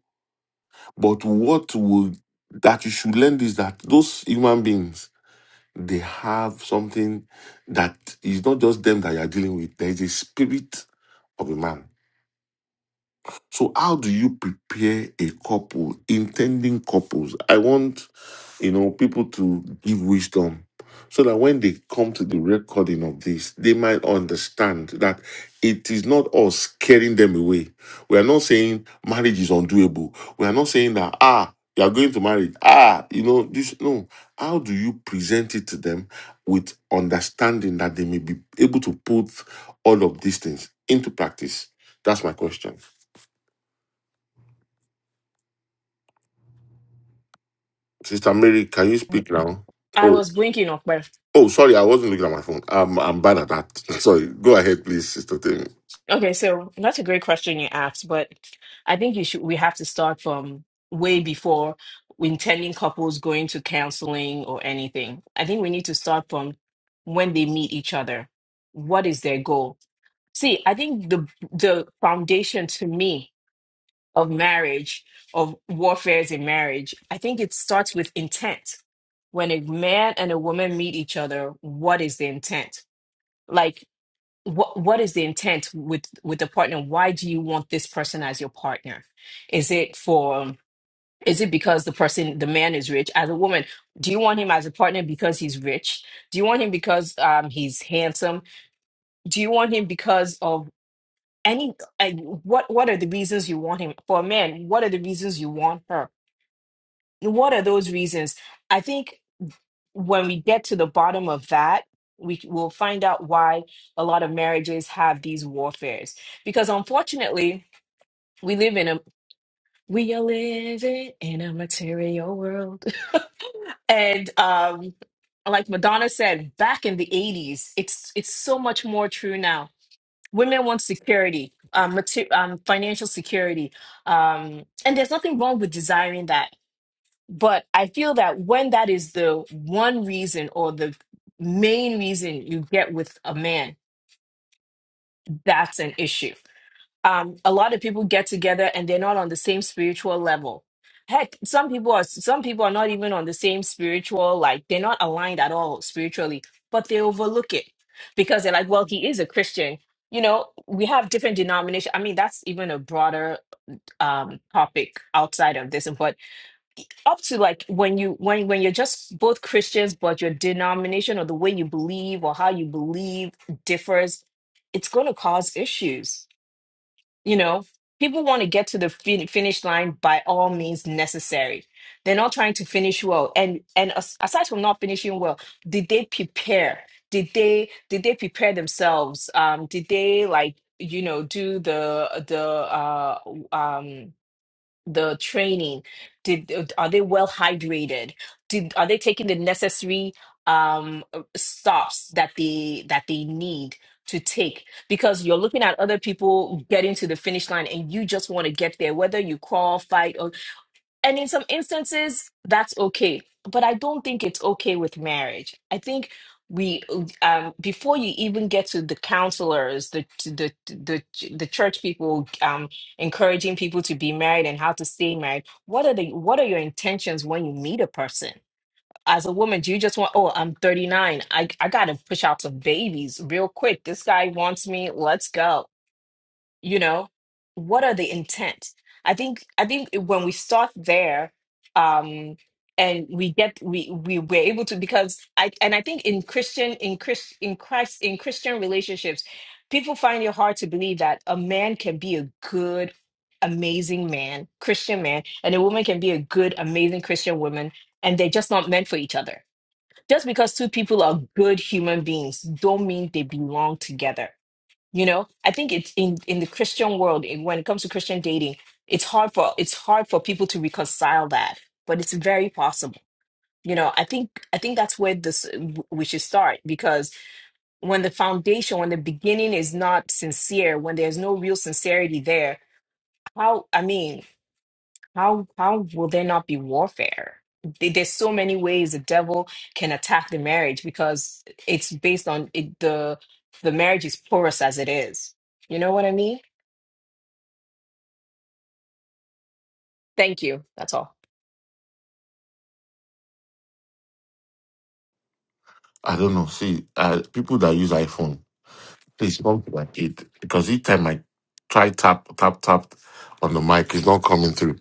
Speaker 1: But what will that you should learn is that those human beings they have something that is not just them that you are dealing with. There is a spirit of a man So how do you prepare a couple, intending couples? I want, you know, people to give wisdom so that when they come to the recording of this, they might understand that it is not us scaring them away. We are not saying marriage is undoable. We are not saying that, ah, you are going to marry. Ah, you know, this no. How do you present it to them with understanding that they may be able to put all of these things into practice? That's my question. Sister Mary, can you speak now?
Speaker 4: I
Speaker 1: Oh,
Speaker 4: was blinking off my.
Speaker 1: oh, sorry, I wasn't looking at my phone. I'm, I'm bad at that. Sorry. Go ahead, please, Sister Temi.
Speaker 4: Okay, so that's a great question you asked, but I think you should. We have to start from way before intending couples going to counseling or anything. I think we need to start from when they meet each other. What is their goal? See, I think the the foundation to me of marriage, of warfares in marriage, I think it starts with intent. When a man and a woman meet each other, what is the intent? Like what what is the intent with with the partner why do you want this person as your partner is it for is it because the person the man is rich as a woman do you want him as a partner because he's rich do you want him because um he's handsome do you want him because of any uh, what what are the reasons you want him for a man what are the reasons you want her what are those reasons i think when we get to the bottom of that, we will find out why a lot of marriages have these warfares. Because unfortunately, we live in a we are living in a material world. And um like Madonna said back in the 80s, it's it's so much more true now. Women want security, um, mater- um financial security. Um and there's nothing wrong with desiring that. But I feel that when that is the one reason or the main reason you get with a man, that's an issue. Um, a lot of people get together and they're not on the same spiritual level. Heck, some people are some people are not even on the same spiritual, like they're not aligned at all spiritually, but they overlook it because they're like, well, he is a Christian. You know, we have different denominations. I mean, that's even a broader um topic outside of this, but up to like when you when when you're just both Christians, but your denomination or the way you believe or how you believe differs, it's going to cause issues. You know, people want to get to the fin- finish line by all means necessary. They're not trying to finish well, and and as- aside from not finishing well, did they prepare? Did they did they prepare themselves? Um, did they like you know do the the uh um the training did uh, are they well hydrated did are they taking the necessary um uh, stops that they that they need to take because you're looking at other people getting to the finish line and you just want to get there whether you qualify and in some instances, that's okay. But I don't think it's okay with marriage. I think we um before you even get to the counselors the the the the church people um encouraging people to be married and how to stay married what are the what are your intentions when you meet a person as a woman do you just want oh i'm 39 i i gotta push out some babies real quick this guy wants me let's go you know what are the intent i think i think when we start there um and we get we we were able to because i and i think in christian in Chris in christ in christian relationships people find it hard to believe that a man can be a good amazing man christian man and a woman can be a good amazing christian woman and they're just not meant for each other just because two people are good human beings don't mean they belong together you know, I think it's in in the Christian world in- when it comes to Christian dating, it's hard for it's hard for people to reconcile that, but it's very possible. You know, I think I think that's where this w- we should start because when the foundation, when the beginning is not sincere, when there's no real sincerity there, how I mean, how how will there not be warfare? There- There's so many ways the devil can attack the marriage because it's based on it, the the marriage is porous as it is. You know what I mean? Thank you. That's all.
Speaker 1: I don't know. See, uh, people that use iPhone, Please don't do like it because each time I try tap tap tap on the mic, it's not coming through.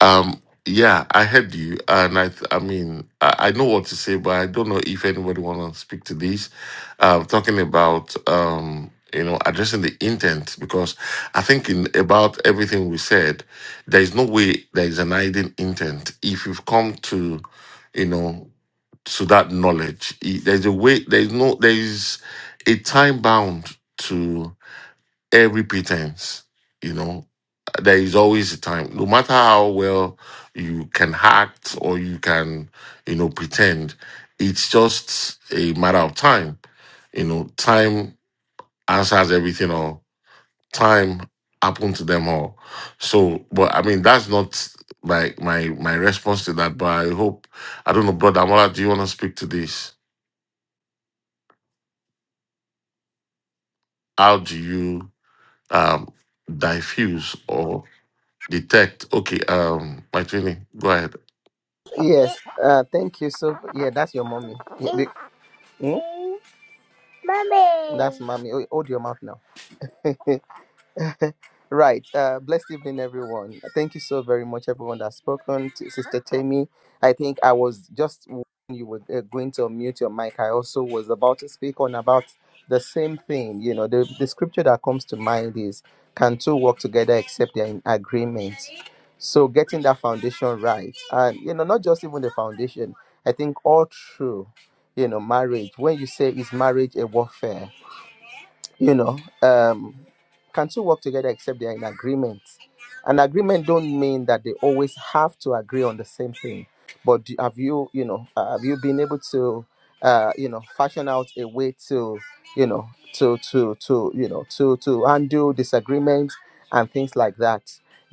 Speaker 1: Um, yeah, I heard you, and I th- I mean I, I know what to say, but I don't know if anybody want to speak to this. Um, talking about um, you know addressing the intent because I think in about everything we said, there is no way there is an hidden intent if you've come to you know to that knowledge. It- There's a way, there's no, there is a time bound to every pretense, you know. There is always a time, no matter how well you can act or you can, you know, pretend, it's just a matter of time. You know, time answers everything or time happened to them all. So, but I mean, that's not like my my response to that, but I hope, I don't know, brother Amola, do you want to speak to this? how do you um diffuse or detect okay um my twinning, go ahead
Speaker 2: Yes. Uh, thank you. So, yeah, that's your mommy. Yeah, the- hmm? Mommy. That's mommy. Oh, Hold your mouth now. Right. Uh, blessed evening, everyone. Thank you so very much, everyone that's spoken. To Sister Tammy, I think I was just when you were uh, going to unmute your mic, I also was about to speak on about the same thing. You know, the, the scripture that comes to mind is Can two work together except they're in agreement? So, getting that foundation right, and you know, not just even the foundation, I think all through, you know, marriage, when you say is marriage a warfare? you know um can two work together except they are in agreement an agreement don't mean that they always have to agree on the same thing but do, have you you know uh, have you been able to uh you know fashion out a way to you know to to to you know to to undo disagreements and things like that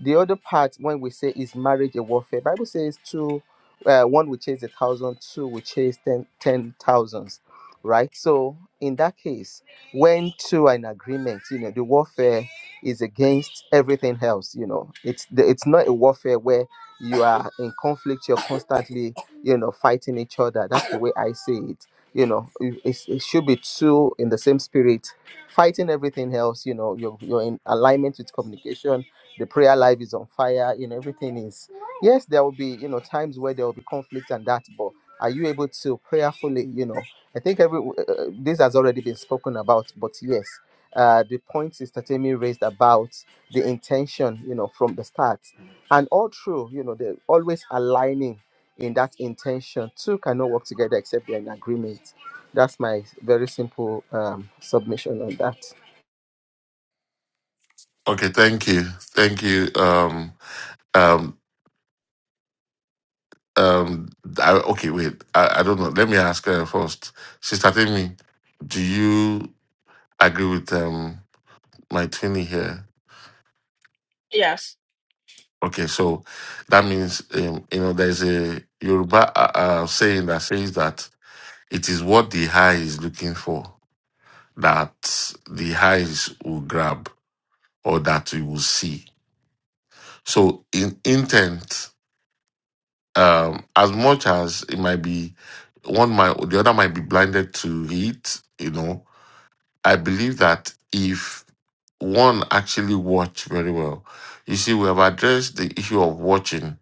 Speaker 2: the other part when we say is marriage a warfare bible says two uh, one will chase a thousand two will chase ten ten thousands right so in that case went to an agreement you know the warfare is against everything else you know it's the, it's not a warfare where you are in conflict you're constantly you know fighting each other that's the way i see it you know it, it's- it should be two in the same spirit fighting everything else you know you're, you're in alignment with communication the prayer life is on fire you know everything is yes there will be you know times where there will be conflict and that but are you able to prayerfully you know I think every uh, this has already been spoken about, but yes, uh, the point Sister Tammy raised about the intention, you know, from the start, and all true, you know, they're always aligning in that intention. Two cannot work together except they're in agreement. That's my very simple um, submission on that.
Speaker 1: okay thank you thank you um um um I, okay wait I, I don't know let me ask her first sister Timmy do you agree with um my twinning here
Speaker 4: Yes.
Speaker 1: okay so that means um, you know there's a Yoruba uh, uh, saying that says that it is what the eye is looking for that the eyes will grab or that we will see. So in intent, um, as much as it might be one might the other might be blinded to it, you know, I believe that if one actually watch very well, you see, we have addressed the issue of watching,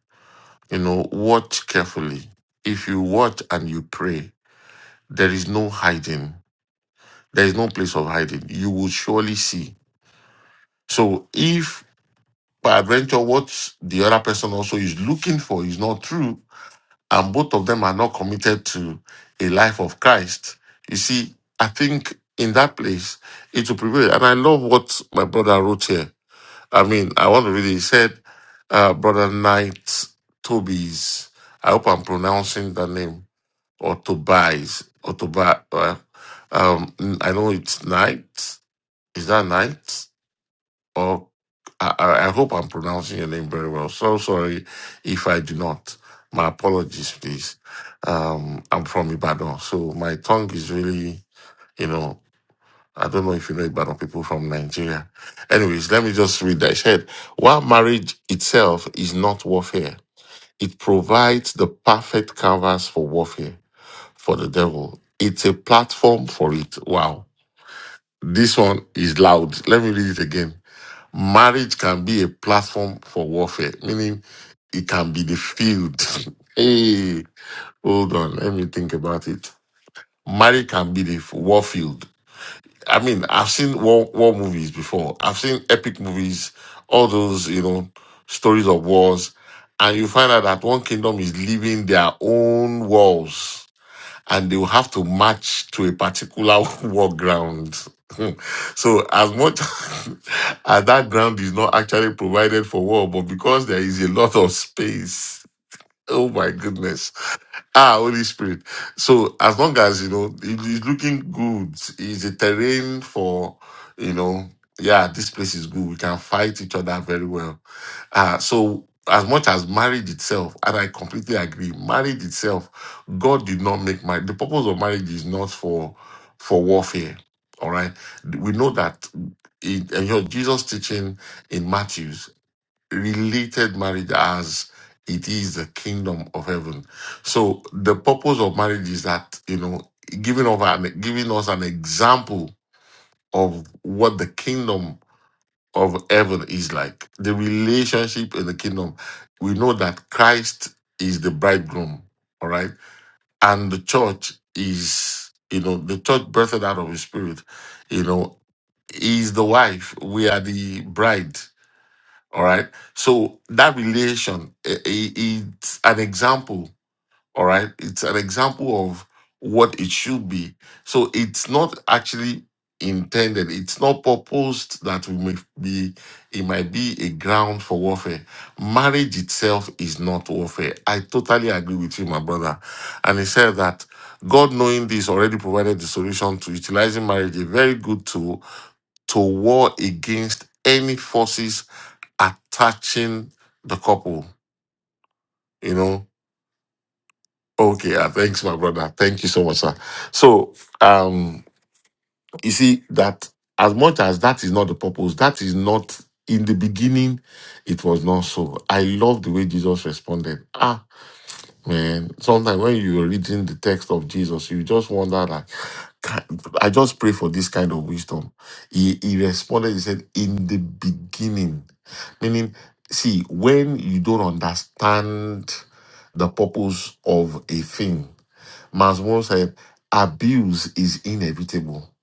Speaker 1: you know, watch carefully. If you watch and you pray, there is no hiding. There is no place of hiding. You will surely see. So if By adventure, what the other person also is looking for is not true, and both of them are not committed to a life of Christ. You see, I think in that place it will prevail. And I love what my brother wrote here. I mean, I want to read it. He said, uh, Brother Knight Tobies, I hope I'm pronouncing the name, or Tobias, or Tobias. Uh, um, I know it's Knight. Is that Knight? or I, I I hope I'm pronouncing your name very well. So sorry if I do not. My apologies, please. Um, I'm from Ibadan, so my tongue is really, you know, I don't know if you know Ibadan people from Nigeria. Anyways, let me just read that. It said, while marriage itself is not warfare, it provides the perfect canvas for warfare for the devil. It's a platform for it. Wow. This one is loud. Let me read it again. Marriage can be a platform for warfare, meaning it can be the field. hey, hold on, let me think about it. Marriage can be the war field. I mean, I've seen war, war movies before. I've seen epic movies, all those, you know, stories of wars. And you find out that one kingdom is living their own wars and they will have to march to a particular war ground. Hmm. so as much as that ground is not actually provided for war, but because there is a lot of space Oh my goodness. Ah, Holy Spirit. So as long as you know it is looking good, is a terrain for you know, yeah, this place is good. We can fight each other very well. Uh, so as much as marriage itself, and I completely agree, marriage itself, God did not make marriage. The purpose of marriage is not for for warfare. All right. We know that in, in your Jesus teaching in Matthew related marriage as it is the kingdom of heaven. So the purpose of marriage is that you know giving of an giving us an example of what the kingdom of heaven is like. The relationship in the kingdom. We know that Christ is the bridegroom, all right, and the church is you know the church birthed out of His Spirit, you know, is the wife. We are the bride all right. So that relation i- i- it's an example. All right. It's an example of what it should be. So it's not actually intended. It's not purposed that we may be. It might be a ground for warfare. Marriage itself is not warfare. I totally agree with you, my brother. And he said that God, knowing this, already provided the solution to utilizing marriage, a very good tool to war against any forces attaching the couple. You know, okay, ah, thanks, my brother. Thank you so much, sir. So, um, you see that as much as that is not the purpose, that is not in the beginning. It was not so. I love the way Jesus responded. Ah. Man, sometimes when you are reading the text of Jesus, you just wonder like, "Can- I just pray for this kind of wisdom. He, he responded, he said, in the beginning. Meaning, see, when you don't understand the purpose of a thing, Masmo said, abuse is inevitable.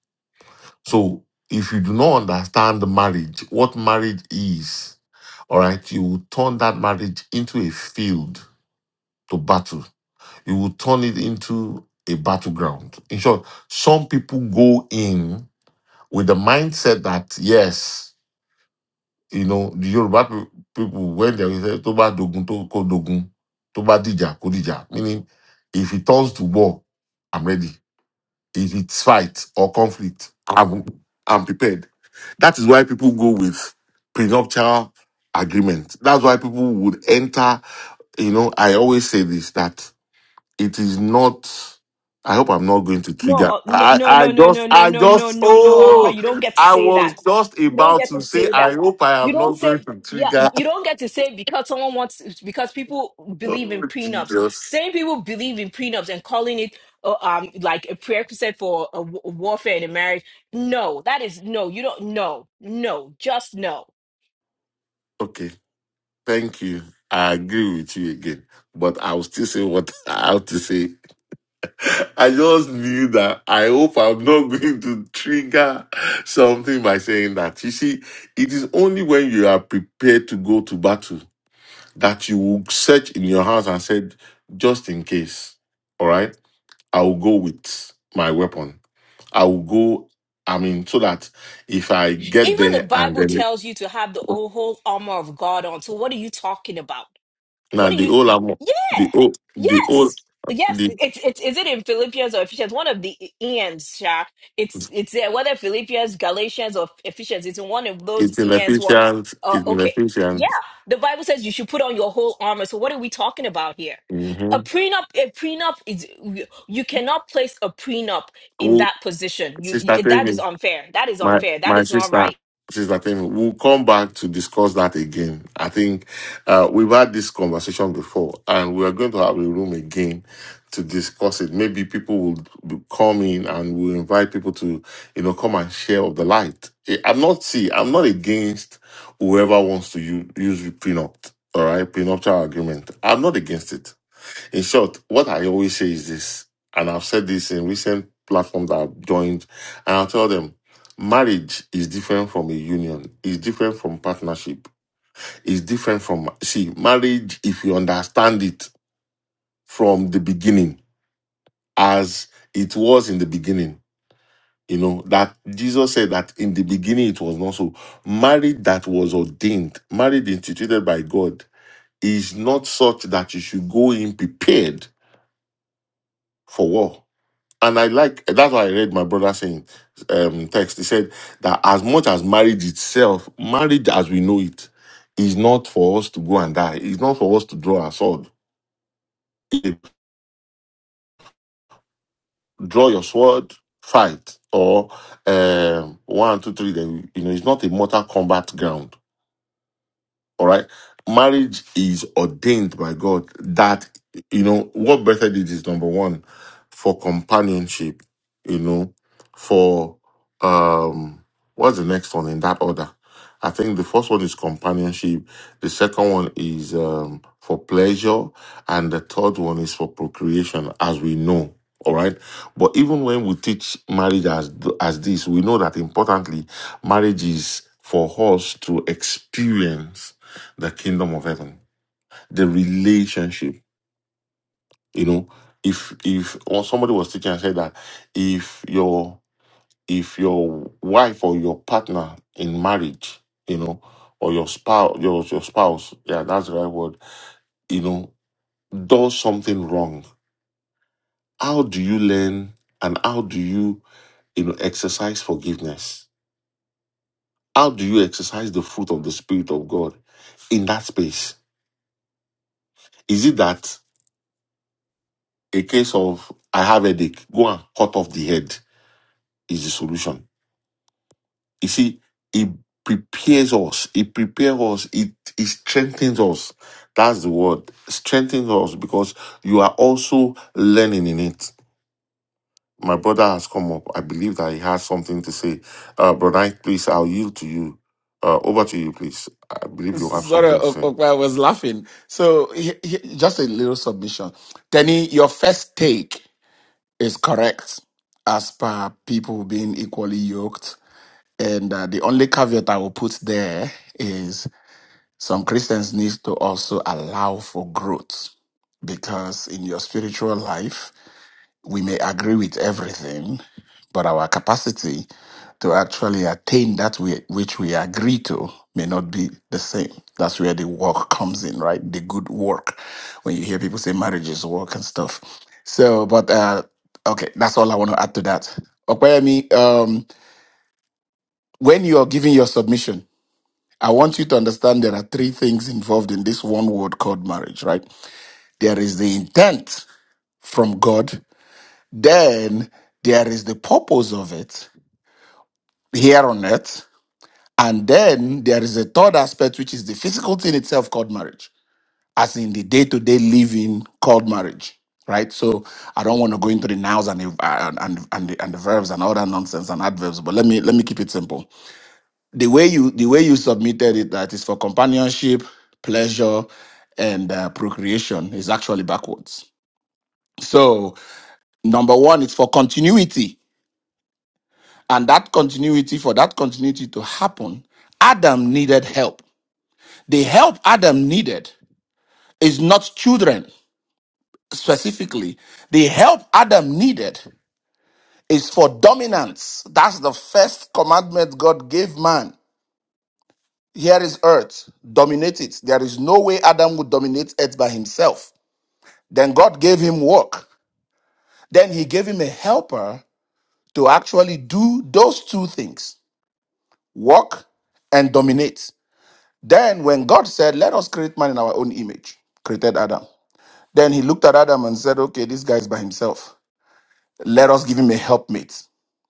Speaker 1: So if you do not understand marriage, what marriage is, all right, you will turn that marriage into a field to battle you will turn it into a battleground. In short, some people go in with the mindset that, yes, you know, the Yoruba pe- people, when they will say, Toba Dogun, to ko Dogun, Toba Dija, Kodija, meaning if it turns to war, I'm ready. If it's fight or conflict, I'm, I'm prepared. That is why people go with prenuptial agreement. That's why people would enter, you know, I always say this, that it is not. I hope I'm not going to
Speaker 4: No,
Speaker 1: trigger.
Speaker 4: uh, no,
Speaker 1: I,
Speaker 4: no,
Speaker 1: I
Speaker 4: no, no,
Speaker 1: just,
Speaker 4: no, no,
Speaker 1: I
Speaker 4: no, no,
Speaker 1: just,
Speaker 4: no, no, Akbar,
Speaker 1: oh,
Speaker 4: you don't get to
Speaker 1: I
Speaker 4: say
Speaker 1: was
Speaker 4: that.
Speaker 1: just
Speaker 4: You don't
Speaker 1: about
Speaker 4: get
Speaker 1: to
Speaker 4: to
Speaker 1: say,
Speaker 4: say that.
Speaker 1: I hope I
Speaker 4: You
Speaker 1: am
Speaker 4: don't
Speaker 1: not going
Speaker 4: say,
Speaker 1: to
Speaker 4: yeah,
Speaker 1: trigger.
Speaker 4: you don't get to say because someone wants, because people believe
Speaker 1: Oh,
Speaker 4: in prenups.
Speaker 1: Jesus.
Speaker 4: Saying people believe in prenups and calling it uh, um like a prerequisite for a w- warfare in a marriage. No, that is no. You don't. No, no, just no.
Speaker 1: Okay. Thank you. I agree with you again, but I'll still say what I have to say. I just knew that I hope I'm not going to trigger something by saying that. You see, it is only when you are prepared to go to battle that you will search in your house and said, just in case, all right, I will go with my weapon. I will go, I mean, so that if I get
Speaker 4: Even the
Speaker 1: there and
Speaker 4: Bible
Speaker 1: then
Speaker 4: tells you to have the whole armor of God on. So what are you talking about?
Speaker 1: now
Speaker 4: What do
Speaker 1: the
Speaker 4: you?
Speaker 1: old armor,
Speaker 4: Yeah.
Speaker 1: the old, the old,
Speaker 4: Yes. Yes.
Speaker 1: the
Speaker 4: It's it's is it in Philippians or Ephesians? One of the ends, Sha. It's it's there. Whether Philippians, Galatians, or Ephesians, it's in one of those
Speaker 1: it's in
Speaker 4: ends. What?
Speaker 1: Ephesians,
Speaker 4: Uh,
Speaker 1: it's in
Speaker 4: okay. Yeah.
Speaker 1: Ephesians.
Speaker 4: The Bible says you should put on your whole armor. So what are we talking about here? A
Speaker 1: Mm-hmm.
Speaker 4: prenup. A prenup is you cannot place a prenup in
Speaker 1: Oh,
Speaker 4: that position. You,
Speaker 1: sister,
Speaker 4: you
Speaker 1: tell
Speaker 4: that is
Speaker 1: me.
Speaker 4: unfair. That is
Speaker 1: my
Speaker 4: unfair. That
Speaker 1: my
Speaker 4: is not
Speaker 1: sister
Speaker 4: right.
Speaker 1: sister Femi, we'll come back to discuss that again. I think uh, we've had this conversation before, and we are going to have a room again to discuss it. Maybe people will be- come in and we'll invite people to you know come and share of the light. Eh, I'm not see, I'm not against whoever wants to use, use prenup. All right, prenuptial agreement. I'm not against it. In short, what I always say is this, and I've said this in recent platforms that I've joined, and I'll tell them marriage is different from a union, it's different from partnership, it's different from see, marriage, if you understand it from the beginning, as it was in the beginning, you know, that Jesus said that in the beginning it was not so. Marriage that was ordained, marriage instituted by God, is not such that you should go in prepared for war And I like that's why I read my brother saying um, text. He said that as much as marriage itself, marriage as we know it, is not for us to go and die. It's not for us to draw our sword. If you draw your sword, fight, or um, one, two, three. Then you know it's not a mortal combat ground All right. Marriage is ordained by God that, you know, what better did is number one for companionship, you know, for, um, what's the next one in that order? I think the first one is companionship. The second one is, um, for pleasure. And the third one is for procreation, as we know. All right. But even when we teach marriage as, as this, we know that importantly, marriage is for us to experience the kingdom of heaven, the relationship. You know, if if or somebody was teaching and said that if your if your wife or your partner in marriage, you know, or your spouse your your spouse, yeah, that's the right word, you know, does something wrong, how do you learn and how do you you know exercise forgiveness? How do you exercise the fruit of the spirit of God in that space? Is it that? a case of I have a headache, go and cut off the head is the solution. You see, it prepares us, it prepares us, it, it strengthens us. That's the word. Strengthens us because you are also learning in it. My brother has come up. I believe that he has something to say. Uh, brother, Ike, please, I'll yield to you. Uh, over to you, please. I believe you have
Speaker 5: Sorry,
Speaker 1: something to
Speaker 5: O-
Speaker 1: say.
Speaker 5: Okpa, I was laughing. So, he- he- just a little submission. Tenny, your first take is correct as per people being equally yoked. And uh, the only caveat I will put there is some Christians need to also allow for growth because in your spiritual life, we may agree with everything, but our capacity to actually attain that we, which we agree to may not be the same. That's where the work comes in, right? The good work. When you hear people say marriage is work and stuff. So, but uh, okay, that's all I want to add to that. Okwayemi, um, when you are giving your submission, I want you to understand there are three things involved in this one word called marriage, right? There is the intent from God, then there is the purpose of it here on earth, And then there is a third aspect, which is the physical thing itself called marriage, as in the day to day living called marriage, right? So I don't want to go into the nouns and the, and, and, and, the, and the verbs and all that nonsense and adverbs, but let me let me keep it simple. The way you the way you submitted it that is for companionship, pleasure, and uh, procreation is actually backwards. So number one, it's for continuity, and that continuity for that continuity to happen, Adam needed help The help Adam needed is not children specifically. The help Adam needed is for dominance. That's the first commandment God gave man. Here is earth, dominate it. There is no way Adam would dominate earth by himself. Then God gave him work. Then he gave him a helper to actually do those two things work and dominate. Then, when God said, Let us create man in our own image, created Adam. Then he looked at Adam and said, Okay, this guy's by himself. Let us give him a helpmate.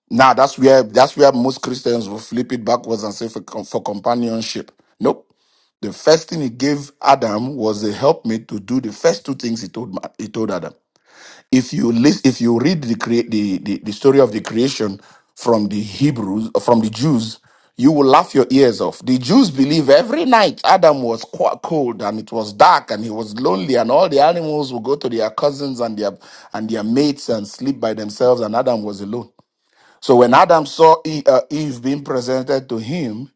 Speaker 5: Now that's where that's where most Christians will flip it backwards and say for, com- for companionship. Nope. The first thing he gave Adam was a helpmate to do the first two things he told Ma- he told Adam if you list, if you read the, crea- the the the story of the creation from the Hebrews from the Jews, you will laugh your ears off. The Jews believe every night Adam was qu- cold and it was dark and he was lonely and all the animals would go to their cousins and their and their mates and sleep by themselves and Adam was alone. So when Adam saw E- uh, Eve being presented to him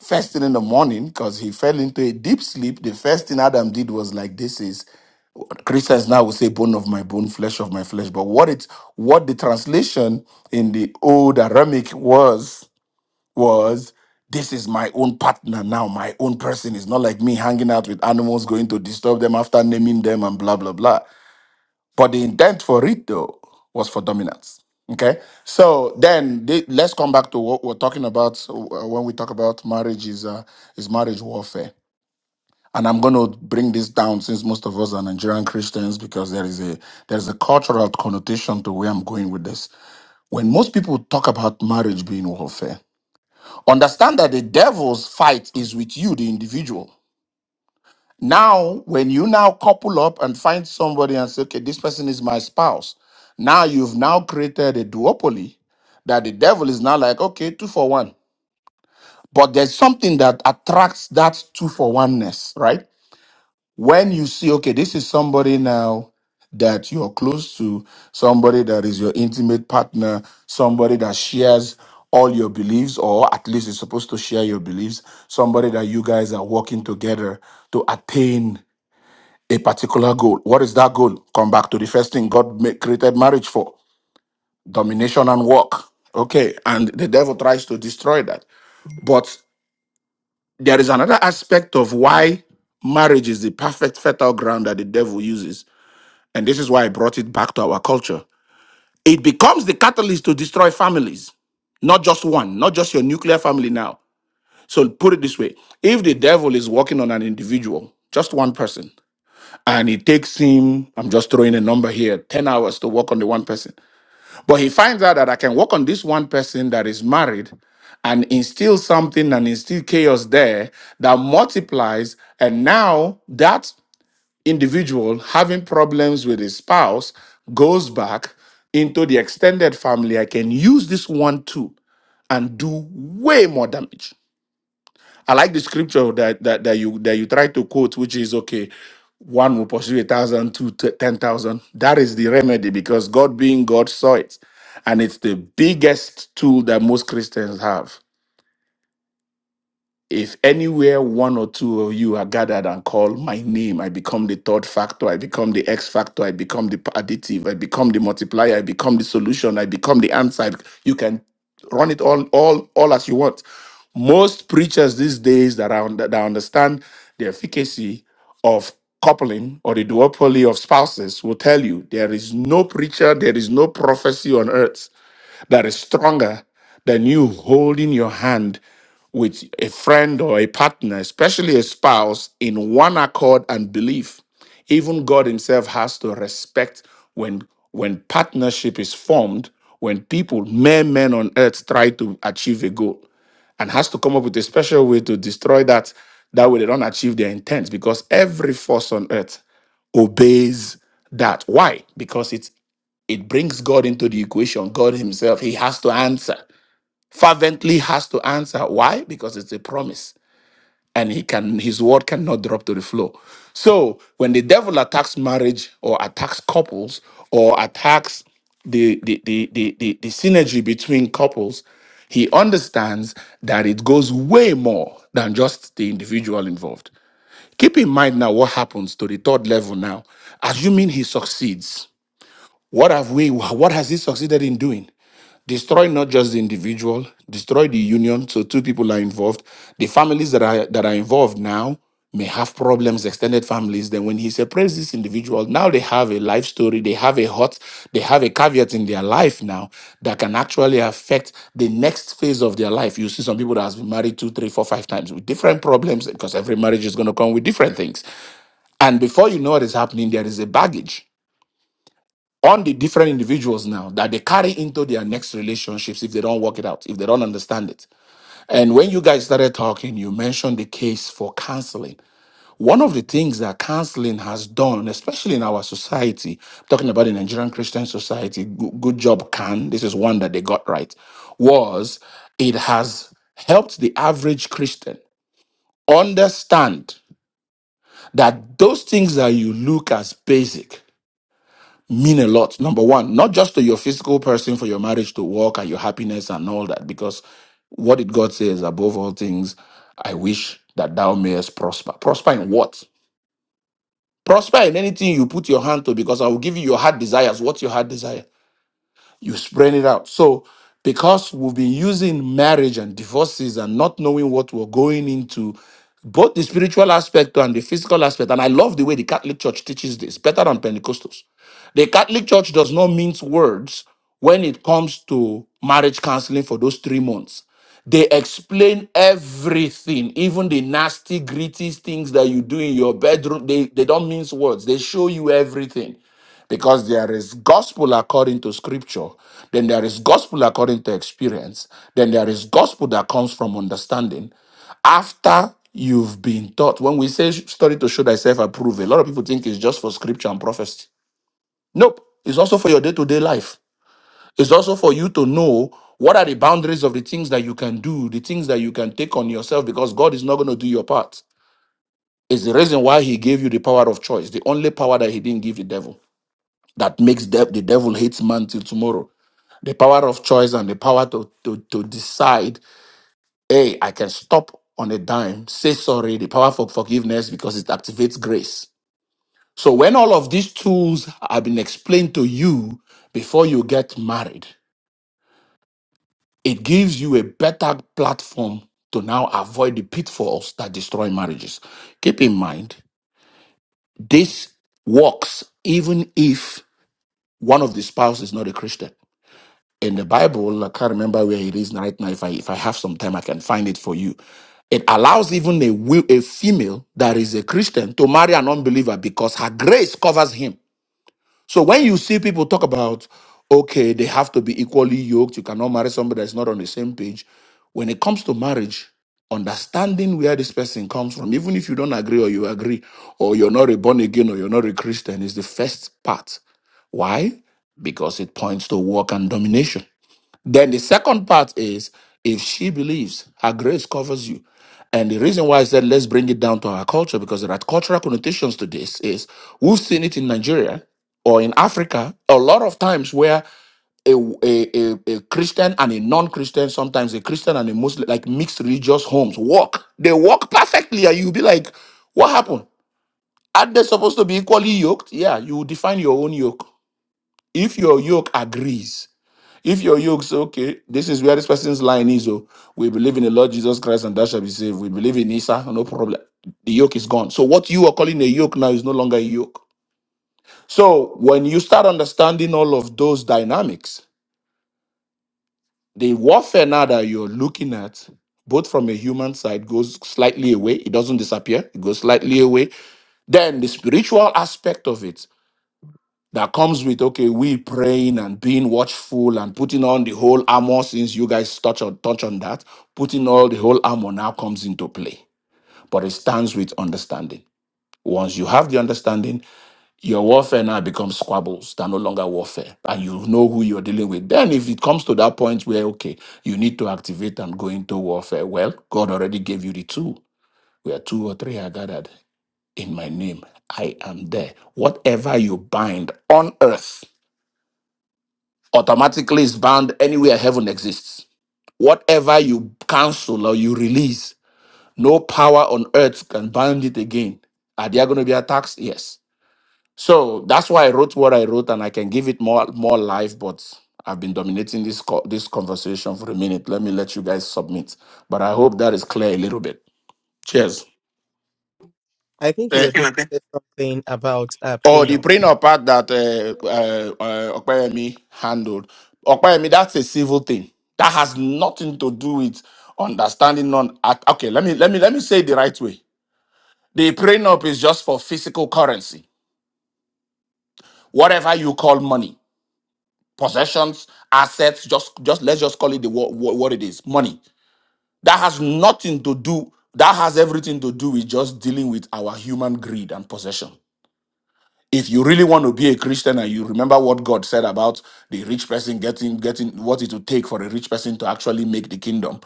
Speaker 5: first thing in the morning because he fell into a deep sleep, the first thing Adam did was like this is. Christians now will say bone of my bone, flesh of my flesh. But what it what the translation in the old Aramaic was was this is my own partner now, my own person. It's not like me hanging out with animals, going to disturb them after naming them and blah blah blah. But the intent for it though was for dominance. Okay, so then the- let's come back to what we're talking about uh, when we talk about marriage is uh, is marriage warfare and I'm going to bring this down since most of us are Nigerian Christians because there is a there is a cultural connotation to where I'm going with this. When most people talk about marriage being warfare, understand that the devil's fight is with you, the individual. Now, when you now couple up and find somebody and say, okay, this person is my spouse, now you've now created a duopoly that the devil is now like, okay, two for one. But there's something that attracts that two for oneness, right? when you see okay this is somebody now that you're close to somebody that is your intimate partner somebody that shares all your beliefs or at least is supposed to share your beliefs somebody that you guys are working together to attain a particular goal what is that goal come back to the first thing god ma- created marriage for domination and work okay and the devil tries to destroy that but there is another aspect of why marriage is the perfect fertile ground that the devil uses And this is why I brought it back to our culture. It becomes the catalyst to destroy families, not just one, not just your nuclear family now. So put it this way if the devil is working on an individual, just one person, and it takes him, I'm just throwing a number here, 10 hours to work on the one person. But he finds out that I can work on this one person that is married and instill something and instill chaos there that multiplies. And now that individual having problems with his spouse goes back into the extended family, I can use this one tool and do way more damage. I like the scripture that that, that you that you try to quote, which is okay. One will pursue a thousand, two to ten thousand. That is the remedy because God being God saw it, and it's the biggest tool that most Christians have. If anywhere one or two of you are gathered and call my name, I become the third factor, I become the X factor, I become the additive, I become the multiplier, I become the solution, I become the answer. I bec- You can run it all, all, all as you want. Most preachers these days that, are, that understand the efficacy of coupling or the duopoly of spouses will tell you there is no preacher, there is no prophecy on earth that is stronger than you holding your hand with a friend or a partner, especially a spouse, in one accord and belief. Even God Himself has to respect when when partnership is formed, when people, mere men on earth, try to achieve a goal and has to come up with a special way to destroy that. That way they don't achieve their intent because every force on earth obeys that. Why? Because it's it brings God into the equation. God Himself, He has to answer. Fervently has to answer. Why? Because it's a promise. And he can his word cannot drop to the floor. So when the devil attacks marriage or attacks couples or attacks the the, the, the, the the synergy between couples, he understands that it goes way more than just the individual involved. Keep in mind now what happens to the third level now, assuming he succeeds what have we, what has he succeeded in doing? Destroy not just the individual, destroy the union. So two people are involved. The families that are that are involved now may have problems, extended families. Then when he separates this individual, now they have a life story, they have a hot, they have a caveat in their life now that can actually affect the next phase of their life. You see some people that has been married two, three, four, five times with different problems because every marriage is going to come with different things. And before you know what is happening, there is a baggage on the different individuals now that they carry into their next relationships if they don't work it out, if they don't understand it. And when you guys started talking, you mentioned the case for counseling. One of the things that counseling has done, especially in our society, talking about the Nigerian Christian society, go- good job, can. This is one that they got right, was it has helped the average Christian understand that those things that you look as basic mean a lot. Number one, not just to your physical person for your marriage to work and your happiness and all that, because what did God say is above all things, I wish that thou mayest prosper. Prosper in what? Prosper in anything you put your hand to, because I will give you your heart desires. What's your heart desire? you spread it out. So, because we've been using marriage and divorces and not knowing what we're going into, both the spiritual aspect and the physical aspect, and I love the way the Catholic Church teaches this better than Pentecostals. The Catholic Church does not mince words when it comes to marriage counseling for those three months. They explain everything, even the nasty, gritty things that you do in your bedroom. They, they don't mince words, they show you everything because there is gospel according to scripture then there is gospel according to experience then there is gospel that comes from understanding after you've been taught when we say study to show thyself approved a lot of people think it's just for scripture and prophecy nope it's also for your day-to-day life it's also for you to know what are the boundaries of the things that you can do the things that you can take on yourself because god is not going to do your part It's the reason why he gave you the power of choice the only power that he didn't give the devil that makes de- the devil hate man till tomorrow. The power of choice and the power to, to, to decide, hey, I can stop on a dime, say sorry, the power for forgiveness because it activates grace. So when all of these tools have been explained to you before you get married, it gives you a better platform to now avoid the pitfalls that destroy marriages. Keep in mind, this works even if one of the spouse is not a Christian in the Bible, I can't remember where it is right now. If I if I have some time, I can find it for you. It allows even a wi- a female that is a Christian to marry an unbeliever because her grace covers him. So when you see people talk about, okay, they have to be equally yoked, you cannot marry somebody that's not on the same page. When it comes to marriage, understanding where this person comes from, even if you don't agree or you agree, or you're not a born again or you're not a Christian, is the first part. Why? Because it points to work and domination. Then the second part is if she believes her grace covers you. And the reason why I said let's bring it down to our culture because there are cultural connotations to this is we've seen it in Nigeria or in Africa a lot of times where a, a, a, a Christian and a non-Christian, sometimes a Christian and a Muslim, like mixed religious homes, walk. They walk perfectly, and you'll be like, what happened? Are they supposed to be equally yoked? Yeah, you define your own yoke. If your yoke agrees, if your yoke say, okay, this is where this person's line is, oh, we believe in the Lord Jesus Christ and that shall be saved. We believe in Isa, no problem. The yoke is gone. So what you are calling a yoke now is no longer a yoke. So when you start understanding all of those dynamics, the warfare now that you're looking at, both from a human side, goes slightly away. It doesn't disappear, it goes slightly away. Then the spiritual aspect of it. that comes with okay, we praying and being watchful and putting on the whole armor. Since you guys touch on touch on that, putting all the whole armor now comes into play. But it stands with understanding. Once you have the understanding, your warfare now becomes squabbles. They're no longer warfare, and you know who you're dealing with. Then, if it comes to that point where okay, you need to activate and go into warfare, well, God already gave you the tool. Where two or three are gathered in my name, I am there. Whatever you bind on earth automatically is bound anywhere heaven exists. Whatever you cancel or you release, no power on earth can bind it again. Are there going to be attacks? Yes. So that's why I wrote what I wrote, and I can give it more more life. But I've been dominating this co- this conversation for a minute. Let me let you guys submit. But I hope that is clear a little bit. Cheers.
Speaker 2: I think you were going
Speaker 1: Uh,
Speaker 2: to say something about uh,
Speaker 5: Oh, the
Speaker 2: prenup.
Speaker 5: prenup part that uh, uh, uh, Okpeyemi handled. Okpeyemi, that's a civil thing. That has nothing to do with understanding non. ac- Okay, let me let me let me say it the right way. The prenup is just for physical currency, whatever you call money, possessions, assets. Just just let's just call it the what, what it is, money. That has nothing to do. That has everything to do with just dealing with our human greed and possession. if you really want to be a Christian and you remember what God said about the rich person getting getting what it would take for a rich person to actually make the kingdom,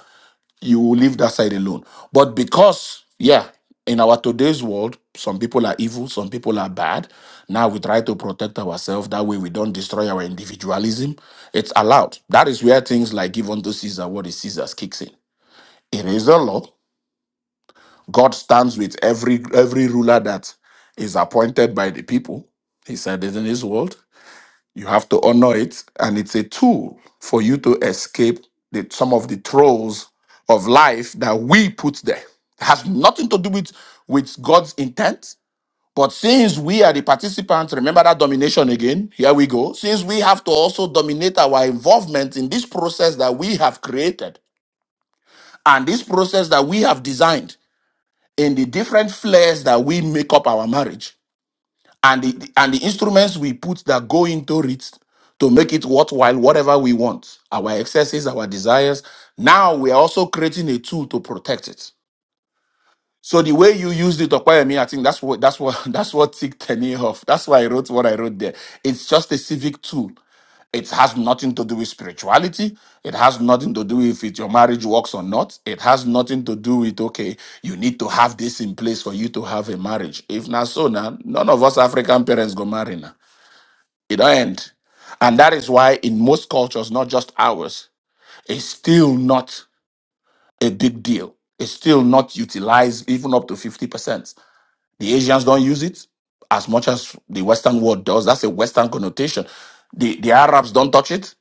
Speaker 5: you will leave that side alone. But because, yeah, in our today's world, some people are evil, some people are bad. Now we try to protect ourselves. That way we don't destroy our individualism. It's allowed. That is where things like give unto Caesar what is Caesar's kicks in. It is the law. God stands with every every ruler that is appointed by the people. He said it in his word you have to honor it, and it's a tool for you to escape the, some of the trolls of life that we put there. It has nothing to do with, with God's intent. But since we are the participants, remember that domination again. Here we go. Since we have to also dominate our involvement in this process that we have created and this process that we have designed in the different flares that we make up our marriage and the the- and the instruments we put that go into it to make it worthwhile whatever we want our excesses our desires now we are also creating a tool to protect it so the way you used it Okwayemi, i think that's what that's what that's what ticked me off that's why i wrote what i wrote there it's just a civic tool it has nothing to do with spirituality it has nothing to do with if your marriage works or not it has nothing to do with okay you need to have this in place for you to have a marriage if not so now none of us african parents go marry now it don't end. And that is why in most cultures, not just ours, it's still not a big deal. It's still not utilized even up to 50%. The Asians don't use it as much as the Western world does. That's a Western connotation. The, the Arabs don't touch it.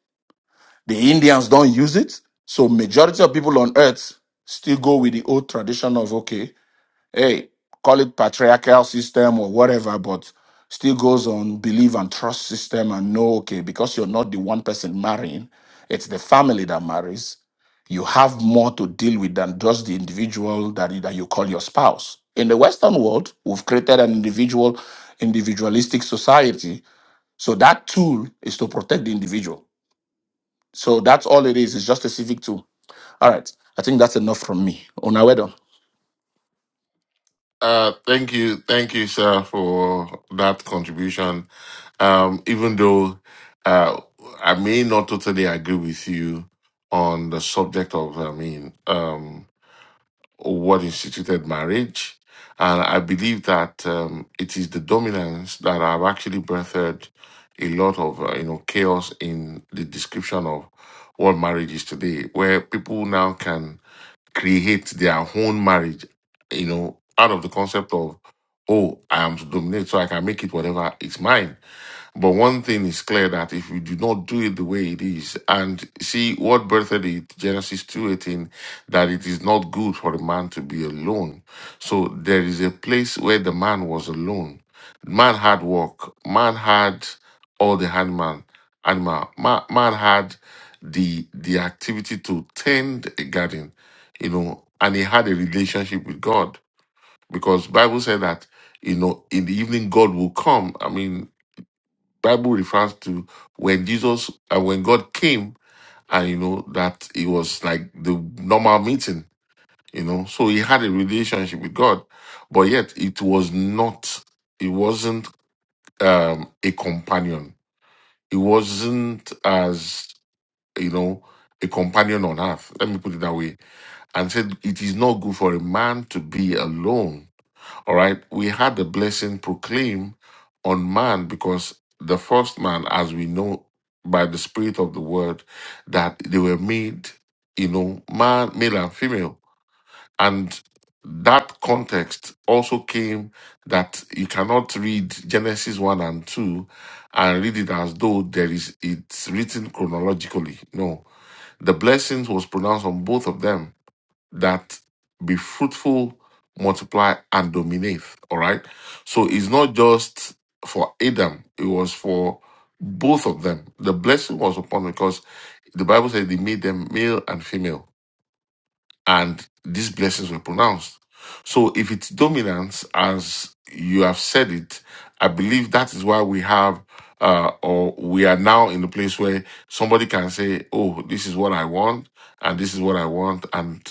Speaker 5: The Indians don't use it. So majority of people on earth still go with the old tradition of, okay hey, call it patriarchal system or whatever, but still goes on believe and trust system and know, okay, because you're not the one person marrying, it's the family that marries. You have more to deal with than just the individual that, that you call your spouse. In the Western world, we've created an individual, individualistic society. So that tool is to protect the individual. So that's all it is. It's just a civic tool. All right. I think that's enough from me. Una wedo.
Speaker 1: Uh, thank you, thank you, sir, for that contribution. Um, even though uh, I may not totally agree with you on the subject of, I mean, um, what instituted marriage, and I believe that um, it is the dominance that have actually birthed a lot of, uh, you know, chaos in the description of what marriage is today, where people now can create their own marriage, you know, out of the concept of, oh, I am to dominate so I can make it whatever is mine. But one thing is clear that if we do not do it the way it is, and see what birthed it, Genesis two eighteen, that it is not good for a man to be alone. So there is a place where the man was alone. Man had work. Man had all the handman animal. Man, man had the the activity to tend a garden, you know, and he had a relationship with God because Bible said that you know in the evening God will come. I mean Bible refers to when Jesus and when God came and you know that it was like the normal meeting, you know. So he had a relationship with God, but yet it was not it wasn't um a companion. It wasn't as you know a companion on earth. Let me put it that way. And said it is not good for a man to be alone all right. We had the blessing proclaimed on man because the first man, as we know by the spirit of the word, that they were made, you know, man, male and female. And that context also came that you cannot read Genesis 1 and 2 and read it as though there is it's written chronologically. No. The blessings was pronounced on both of them that be fruitful, multiply, and dominate. All right. So it's not just for Adam, it was for both of them. The blessing was upon them because the Bible says they made them male and female and these blessings were pronounced. So if it's dominance, as you have said it, I believe that is why we have, uh, or we are now in a place where somebody can say, "Oh, this is what I want, and this is what I want," and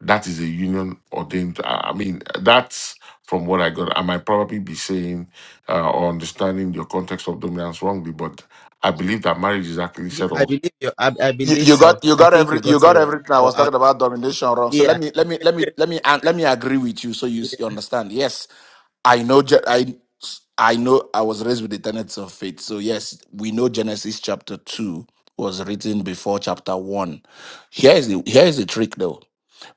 Speaker 1: that is a union ordained. I I mean, that's from what I got. I might probably be saying uh, or understanding your context of dominance wrongly, but I believe that marriage is actually set
Speaker 2: I
Speaker 1: up.
Speaker 2: believe you. I, I
Speaker 5: You,
Speaker 2: believe
Speaker 5: you
Speaker 2: so.
Speaker 5: got you
Speaker 2: I
Speaker 5: got
Speaker 2: think
Speaker 5: every
Speaker 2: you
Speaker 5: you
Speaker 2: got it
Speaker 5: got
Speaker 2: wrong,
Speaker 5: everything I
Speaker 2: but
Speaker 5: was
Speaker 2: I'll,
Speaker 5: talking about domination wrong. So
Speaker 2: yeah.
Speaker 5: let me let me let me let me an- let me agree with you so you, s- you understand. Yes, I know Ge- I I know I was raised with the tenets of faith. So yes, we know Genesis chapter two was written before chapter one. Here is the here is the trick though.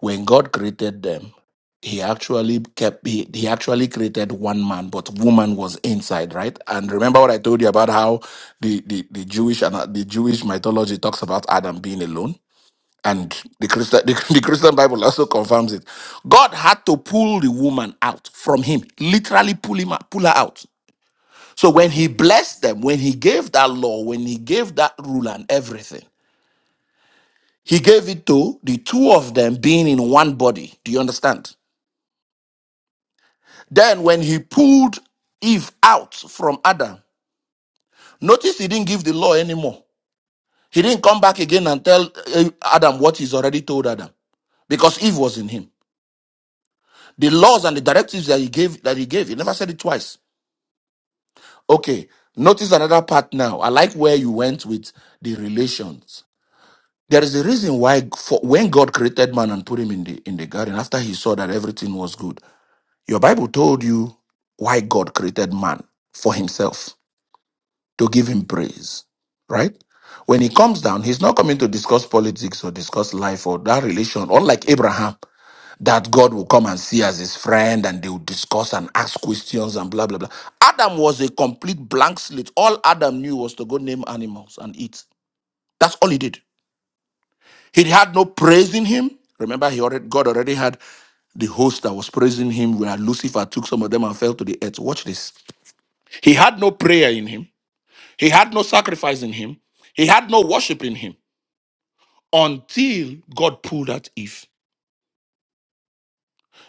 Speaker 5: When God created them, he actually kept he, he actually created one man, but woman was inside, right? And remember what I told you about how the the, the Jewish and the Jewish mythology talks about Adam being alone, and the Christian the, the Christian Bible also confirms it. God had to pull the woman out from him, literally pull him out, pull her out. So when he blessed them, when he gave that law, when he gave that rule and everything, he gave it to the two of them being in one body. Do you understand? Then when he pulled Eve out from Adam, notice he didn't give the law anymore. He didn't come back again and tell eh, Adam what he's already told Adam because Eve was in him. The laws and the directives that he gave that he gave, he never said it twice. Okay, notice another part now. I like where you went with the relations. There is a reason why for when God created man and put him in the in the garden after he saw that everything was good. Your Bible told you why God created man for himself. to give him praise, right? When he comes down, he's not coming to discuss politics or discuss life or that relation, or like Abraham, that God will come and see as his friend and they will discuss and ask questions and blah, blah, blah. Adam was a complete blank slate. All Adam knew was to go name animals and eat. That's all he did. He had no praise in him. Remember, he already, God already had the host that was praising him, where Lucifer took some of them and fell to the earth. Watch this. He had no prayer in him. He had no sacrifice in him. He had no worship in him until God pulled out Eve.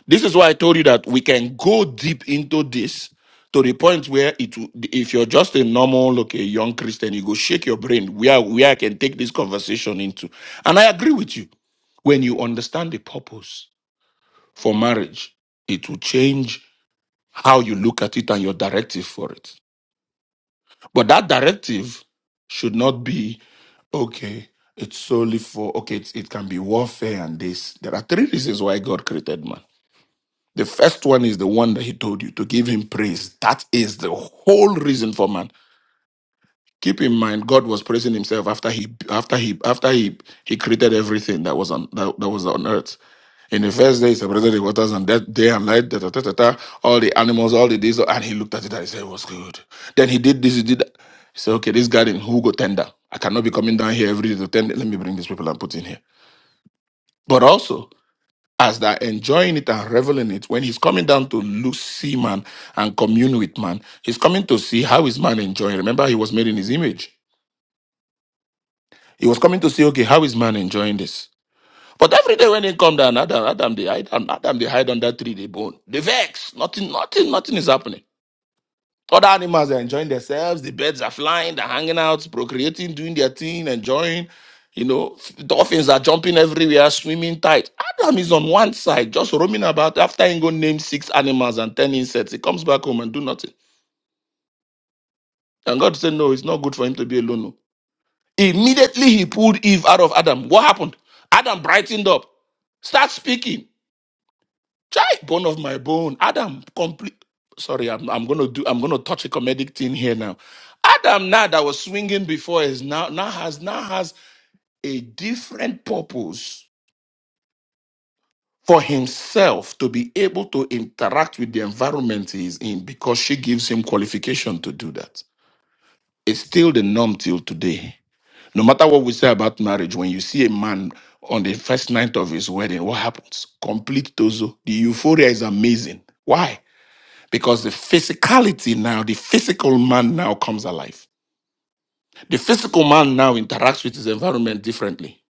Speaker 5: This is why I told you that we can go deep into this to the point where it will, if you're just a normal, like a young Christian, you go shake your brain where where I can take this conversation into. And I agree with you. When you understand the purpose for marriage, it will change how you look at it and your directive for it. But that directive should not be okay. It's solely for okay. It's, it can be warfare and this. There are three reasons why God created man. The first one is the one that He told you to give Him praise. That is the whole reason for man. Keep in mind, God was praising Himself after He after He after He He created everything that was on that, that was on earth. In the first day, he separated the waters and that day and night, da, da, da, da, da, all the animals, all the this, and he looked at it and he said, "It was good? Then he did this, he did that. He said, Okay, this garden, who go tender? I cannot be coming down here every day to tender. Let me bring these people and put in here. But also, as they're enjoying it and reveling it, when he's coming down to look, see man and commune with man, he's coming to see how is man enjoying. Remember, he was made in his image. He was coming to see, okay, how is man enjoying this? But every day when he come down, Adam, Adam they hide, Adam they hide under tree, they bone. They vex. Nothing, nothing, nothing is happening. Other animals are enjoying themselves. The birds are flying, they're hanging out, procreating, doing their thing, enjoying. You know, dolphins are jumping everywhere, swimming tight. Adam is on one side, just roaming about. After he go name six animals and ten insects, he comes back home and do nothing. And God said, no, it's not good for him to be alone. no." Immediately he pulled Eve out of Adam. What happened? Adam brightened up, start speaking. Chai, bone of my bone. Adam, complete. Sorry, I'm, I'm gonna do. I'm gonna touch a comedic thing here now. Adam, now that was swinging before, is now now has now has a different purpose for himself to be able to interact with the environment he is in because she gives him qualification to do that. It's still the norm till today. No matter what we say about marriage, when you see a man on the first night of his wedding, what happens? Complete tozo. The euphoria is amazing. Why? because the physicality now, the physical man now comes alive. The physical man now interacts with his environment differently.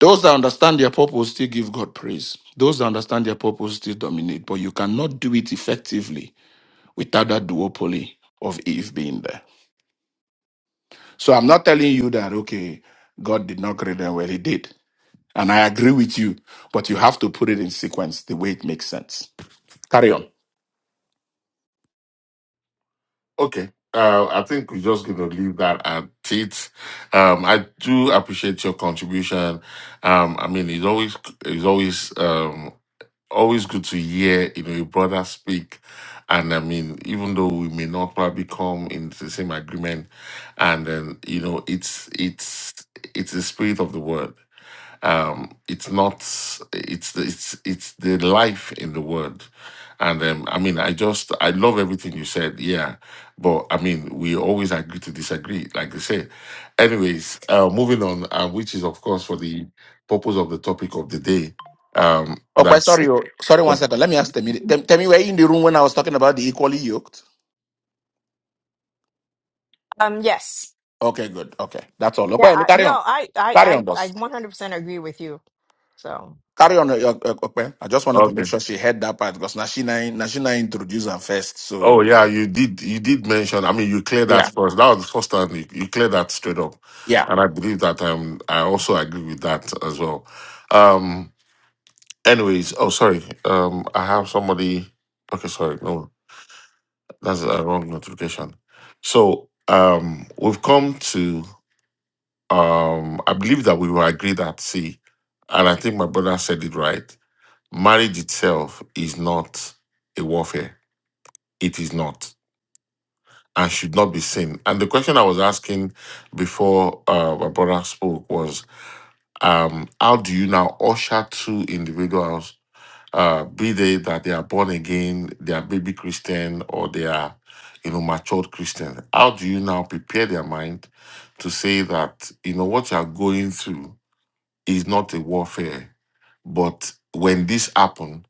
Speaker 5: Those that understand their purpose still give God praise. Those that understand their purpose still dominate, but you cannot do it effectively without that duopoly of Eve being there. So I'm not telling you that, okay, God did not create them well, He did. And I agree with you, but you have to put it in sequence the way it makes sense. Carry on.
Speaker 1: Okay. Uh, I think we're just going to leave that at it. Um, I do appreciate your contribution. Um, I mean, it's always it's always um, always good to hear you know your brother speak, and I mean, even though we may not probably come in the same agreement, and then you know, it's it's it's the spirit of the word um, it's not it's the it's it's the life in the word and um, i mean i just i love everything you said yeah but i mean we always agree to disagree like they say anyways uh, moving on uh, which is of course for the purpose of the topic of the day um
Speaker 5: Okay,
Speaker 1: that's
Speaker 5: sorry, oh, sorry, one second. Let me ask Temi. Tem- Temi, were you in the room when I was talking about the equally yoked?
Speaker 4: Um, yes.
Speaker 5: Okay, good. Okay, that's all.
Speaker 4: Yeah,
Speaker 5: Okay, me
Speaker 4: I,
Speaker 5: carry
Speaker 4: no,
Speaker 5: on.
Speaker 4: I, I,
Speaker 5: Carry on,
Speaker 4: I, I
Speaker 5: boss.
Speaker 4: 100% agree with you. So.
Speaker 5: Carry on. uh, uh, uh, Okay, I just wanted to make
Speaker 1: okay
Speaker 5: sure she heard that part because Nashina, Nashina introduced her first.
Speaker 1: oh
Speaker 5: So
Speaker 1: yeah you did you did mention i mean you cleared that
Speaker 5: yeah,
Speaker 1: first that was the first time you, you cleared that straight up
Speaker 5: yeah.
Speaker 1: and i believe that um i also agree with that as well um Anyways, oh sorry. Um, I have somebody. Okay, sorry. No, that's a wrong notification. So, um, we've come to. Um, I believe that we will agree that see, and I think my brother said it right. Marriage itself is not a warfare. It is not, and should not be seen. And the question I was asking before uh, my brother spoke was, um, how do you now usher two individuals uh, be they that they are born again, they are baby Christian, or they are, you know, matured Christian. How do you now prepare their mind to say that, you know, what you are going through? It's not a warfare. But when this happen,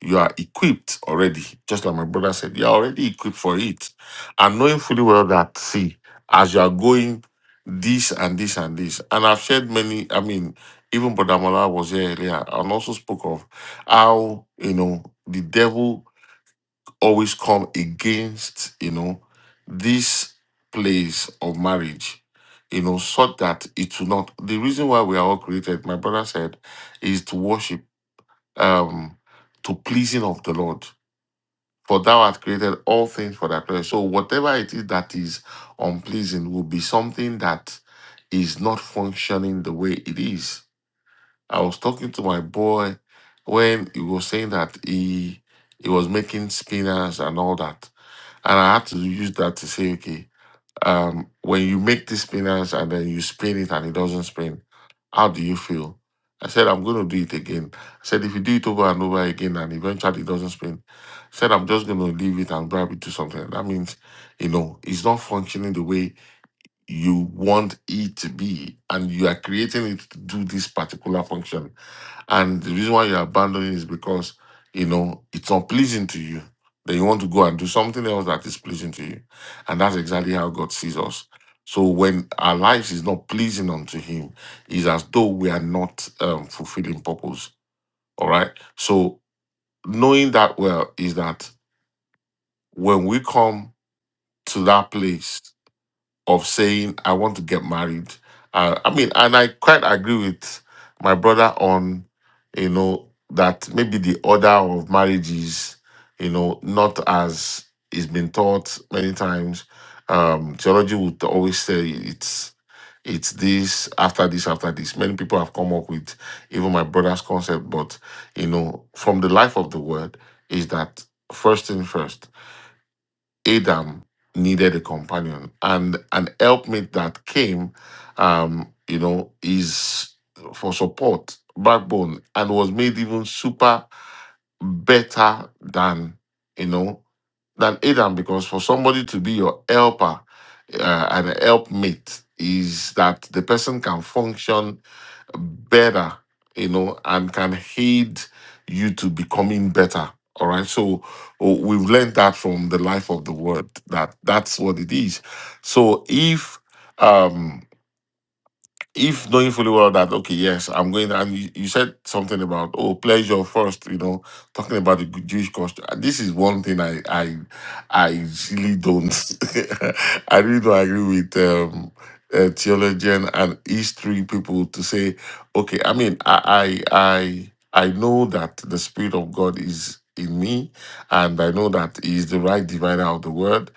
Speaker 1: you are equipped already. Just like my brother said, you're already equipped for it. And knowing fully well that, see, as you are going this and this and this. And I've shared many, I mean, even Brother Mala was here earlier and also spoke of how, you know, the devil always come against, you know, this place of marriage, you know, so that it will not. The reason why we are all created, my brother said, is to worship, um, to pleasing of the Lord. For thou art created all things for thy pleasure. So whatever it is that is unpleasing will be something that is not functioning the way it is. I was talking to my boy when he was saying that he he was making spinners and all that and I have to use that to say, okay, um, when you make this spinach and then you spin it and it doesn't spin, how do you feel? I said, I'm going to do it again. I said, if you do it over and over again and eventually it doesn't spin, I said, I'm just going to leave it and grab it to something. That means, you know, it's not functioning the way you want it to be, and you are creating it to do this particular function. And the reason why you're abandoning is because, you know, it's not pleasing to you. Then you want to go and do something else that is pleasing to you. And that's exactly how God sees us. So when our lives is not pleasing unto Him, is as though we are not um, fulfilling purpose. All right. So knowing that well is that when we come to that place of saying I want to get married. Uh, I mean, and I quite agree with my brother on, you know, that maybe the order of marriage is, you know, not as it's been taught many times. Um, theology would always say it's it's this after this after this. Many people have come up with even my brother's concept, but you know, from the life of the word is that first thing first Adam needed a companion, and an helpmate that came, um, you know, is for support, backbone, and was made even super better than you know than Adam because for somebody to be your helper uh, and a helpmate is that the person can function better, you know, and can aid you to becoming better. All right. So oh, we've learned that from the life of the word that that's what it is. So if, um, if knowing fully well that okay, yes, I'm going. And you, you said something about oh, pleasure first, you know, talking about the Jewish culture. And This is one thing I I I really don't. I really don't agree with um, uh, theologian and history people to say okay. I mean, I I I, I know that the spirit of God is in me, and I know that He is the right divider of the word.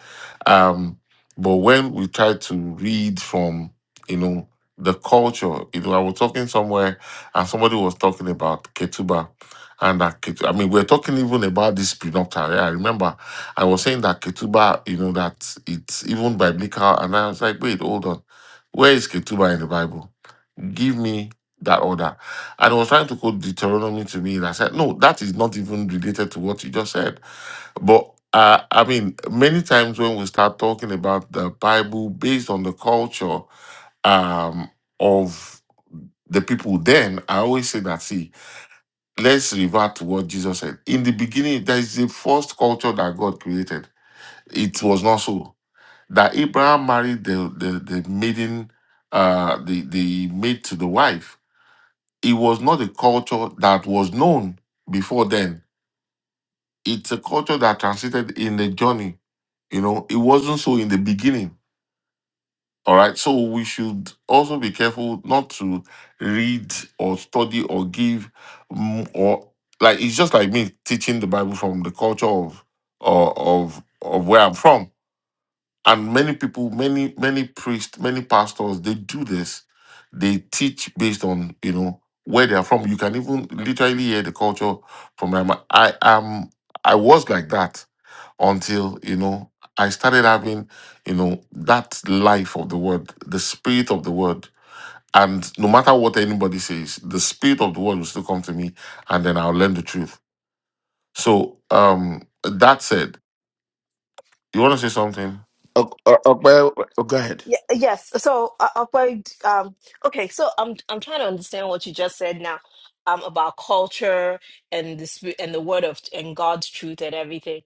Speaker 1: Um, but when we try to read from you know the culture. You know, I was talking somewhere and somebody was talking about Ketuba and that Ketuba. I mean, we're talking even about this prenuptial. Yeah, I remember I was saying that Ketuba, you know, that it's even biblical. And I was like, wait, hold on. Where is Ketuba in the Bible? Give me that order. And I was trying to quote Deuteronomy to me. And I said, no, that is not even related to what you just said. But uh, I mean, many times when we start talking about the Bible based on the culture, um, of the people then, I always say that, see, let's revert to what Jesus said. In the beginning, there is the first culture that God created. It was not so. That Abraham married the, the, the maiden, uh, the, the maid to the wife. It was not a culture that was known before then. It's a culture that transited in the journey. You know, it wasn't so in the beginning All right. So we should also be careful not to read or study or give mm, or like it's just like me teaching the Bible from the culture of or of of where I'm from. And many people, many, many priests, many pastors, they do this. They teach based on, you know, where they are from. You can even literally hear the culture from them. I am I was like that until you know I started having you know that life of the word, the spirit of the word, and no matter what anybody says, the spirit of the word will still come to me, and then I'll learn the truth. So um, that said, you want to say something?
Speaker 5: Okay, okay, go ahead.
Speaker 4: Yeah, yes. So, uh, uh, but, um, okay. So, I'm I'm trying to understand what you just said now, um, about culture and the spirit and the word of and God's truth and everything.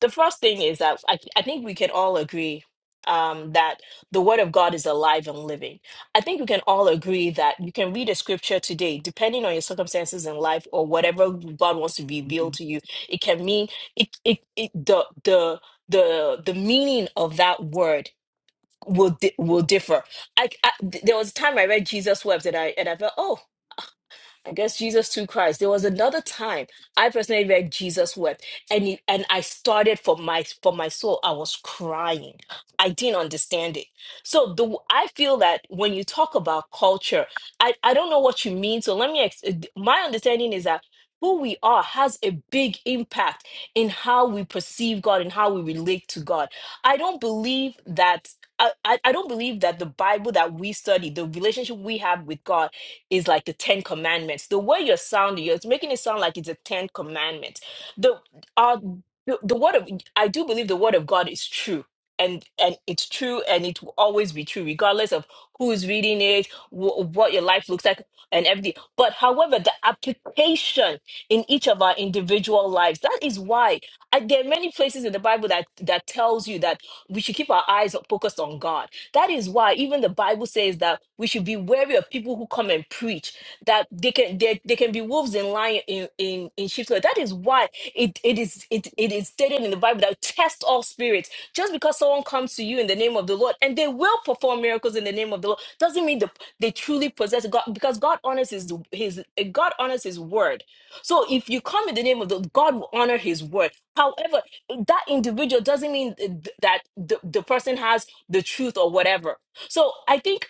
Speaker 4: The first thing is that I I think we can all agree, um, that the word of God is alive and living. I think we can all agree that you can read a scripture today, depending on your circumstances in life or whatever God wants to reveal to you. It can mean it it, it the the the the meaning of that word will di- will differ. I, I th- there was a time I read Jesus' webs and I and I felt oh against Jesus through Christ. There was another time I personally read Jesus wept, and it, and I started for my for my soul. I was crying. I didn't understand it. So the I feel that when you talk about culture, I I don't know what you mean. So let me. Ex- my understanding is that who we are has a big impact in how we perceive God and how we relate to God. I don't believe that. I, I I don't believe that the Bible that we study, the relationship we have with God, is like the Ten Commandments. The way you're sounding, you're making it sound like it's a Ten Commandments. The uh, the, the word of I do believe the word of God is true. And, and it's true and it will always be true regardless of who is reading it wh- what your life looks like and everything but however the application in each of our individual lives that is why I, there are many places in the bible that that tells you that we should keep our eyes focused on god that is why even the Bible says that we should be wary of people who come and preach that they can they, they can be wolves in lion in in, in sheep's clothing. That is why it it is it, it is stated in the Bible that test all spirits. Just because someone comes to you in the name of the Lord and they will perform miracles in the name of the Lord doesn't mean the, they truly possess God because God honors his his God honors his word. So if you come in the name of the God will honor his word. However, that individual doesn't mean th- that the, the person has the truth or whatever. So I think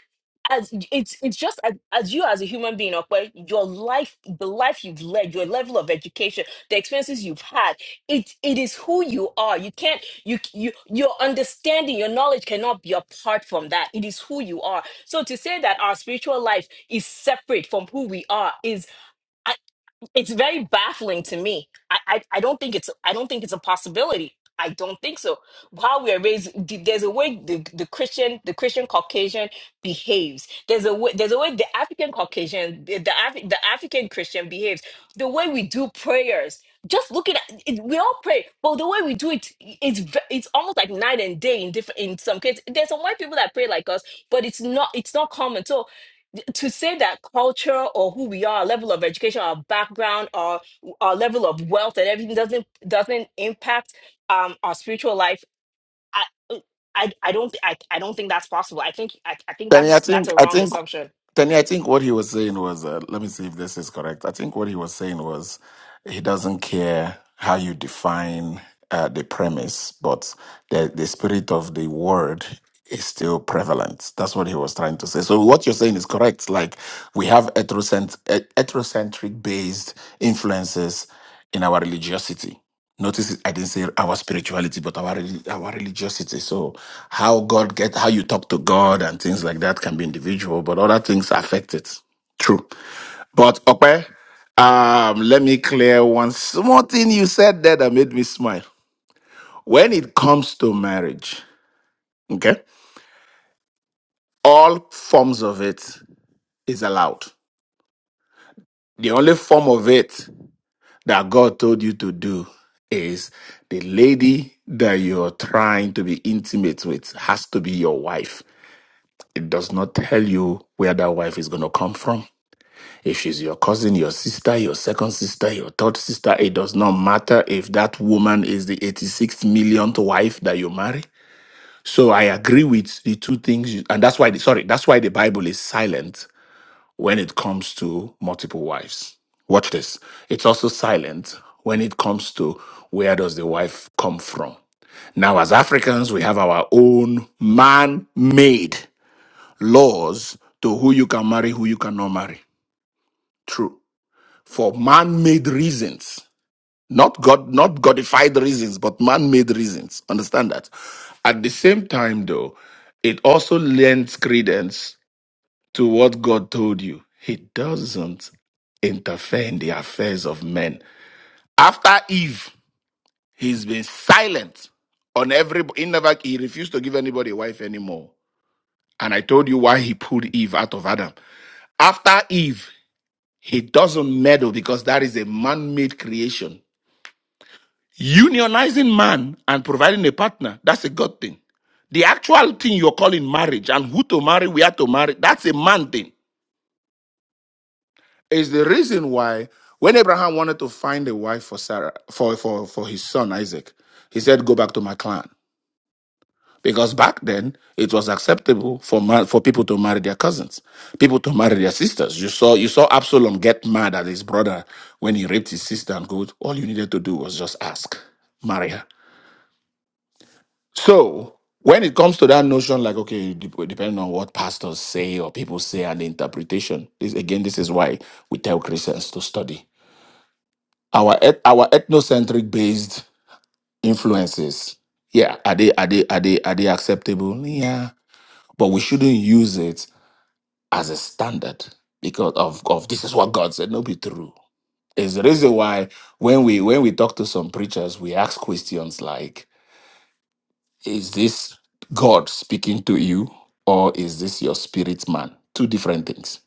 Speaker 4: as it's it's just as, as you as a human being, okay, your life, the life you've led, your level of education, the experiences you've had, it it is who you are. You can't you you your understanding, your knowledge cannot be apart from that. It is who you are. So to say that our spiritual life is separate from who we are is it's very baffling to me. I, I I don't think it's I don't think it's a possibility. I don't think so. How we are raised, th- there's a way the, the Christian the Christian Caucasian behaves. There's a way there's a way the African Caucasian the the, Af- the African Christian behaves. The way we do prayers. Just looking at it, we all pray, but the way we do it, it's ve- it's almost like night and day in different in some cases. There's some white people that pray like us, but it's not it's not common. So to say that culture or who we are, our level of education, our background, our our level of wealth, and everything doesn't doesn't impact um, our spiritual life. I, I I don't thi- I, I don't think that's possible. I think I, I think
Speaker 5: Temi, I
Speaker 4: that's that's
Speaker 5: think
Speaker 4: a
Speaker 5: I
Speaker 4: wrong
Speaker 5: think
Speaker 4: assumption.
Speaker 5: Tanya, I think what he was saying was, uh, let me see if this is correct. I think what he was saying was, he doesn't care how you define uh, the premise, but the the spirit of the word is still prevalent. That's what he was trying to say. So what you're saying is correct. Like we have heterocent- eh, heterocentric based influences in our religiosity. Notice I didn't say our spirituality, but our reli- our religiosity. So how God get how you talk to God and things like that can be individual, but other things affect it. True. But okay, um, let me clear one small thing you said there that made me smile. When it comes to marriage, okay, all forms of it is allowed. The only form of it that God told you to do is the lady that you're trying to be intimate with has to be your wife. It does not tell you where that wife is going to come from. If she's your cousin, your sister, your second sister, your third sister, it does not matter if that woman is the 86th millionth wife that you marry. So I agree with the two things, you, and that's why, the, sorry, that's why the Bible is silent when it comes to multiple wives. Watch this. It's also silent when it comes to where does the wife come from. Now, as Africans, we have our own man made laws to who you can marry, who you cannot marry. True. For man made reasons, not God, not Godified reasons, but man made reasons. Understand that. At the same time, though, it also lends credence to what God told you. He doesn't interfere in the affairs of men. After Eve, he's been silent on every. He never. He refused to give anybody a wife anymore. And I told you why he pulled Eve out of Adam. After Eve, he doesn't meddle because that is a man-made creation. Unionizing man and providing a partner, that's a good thing. The actual thing you're calling marriage and who to marry, where to marry, that's a man thing. is the reason why when Abraham wanted to find a wife for Sarah for, for, for his son Isaac, he said, Go back to my clan. Because back then it was acceptable for ma- for people to marry their cousins, people to marry their sisters. You saw you saw Absalom get mad at his brother when he raped his sister and go, all you needed to do was just ask, marry her. So when it comes to that notion, like okay, dep- depending on what pastors say or people say and the interpretation, this again, this is why we tell Christians to study our eth- our ethnocentric based influences yeah are they are they are they are they acceptable yeah but we shouldn't use it as a standard because of of this is what god said no be true is the reason why when we when we talk to some preachers we ask questions like is this god speaking to you or is this your spirit man two different things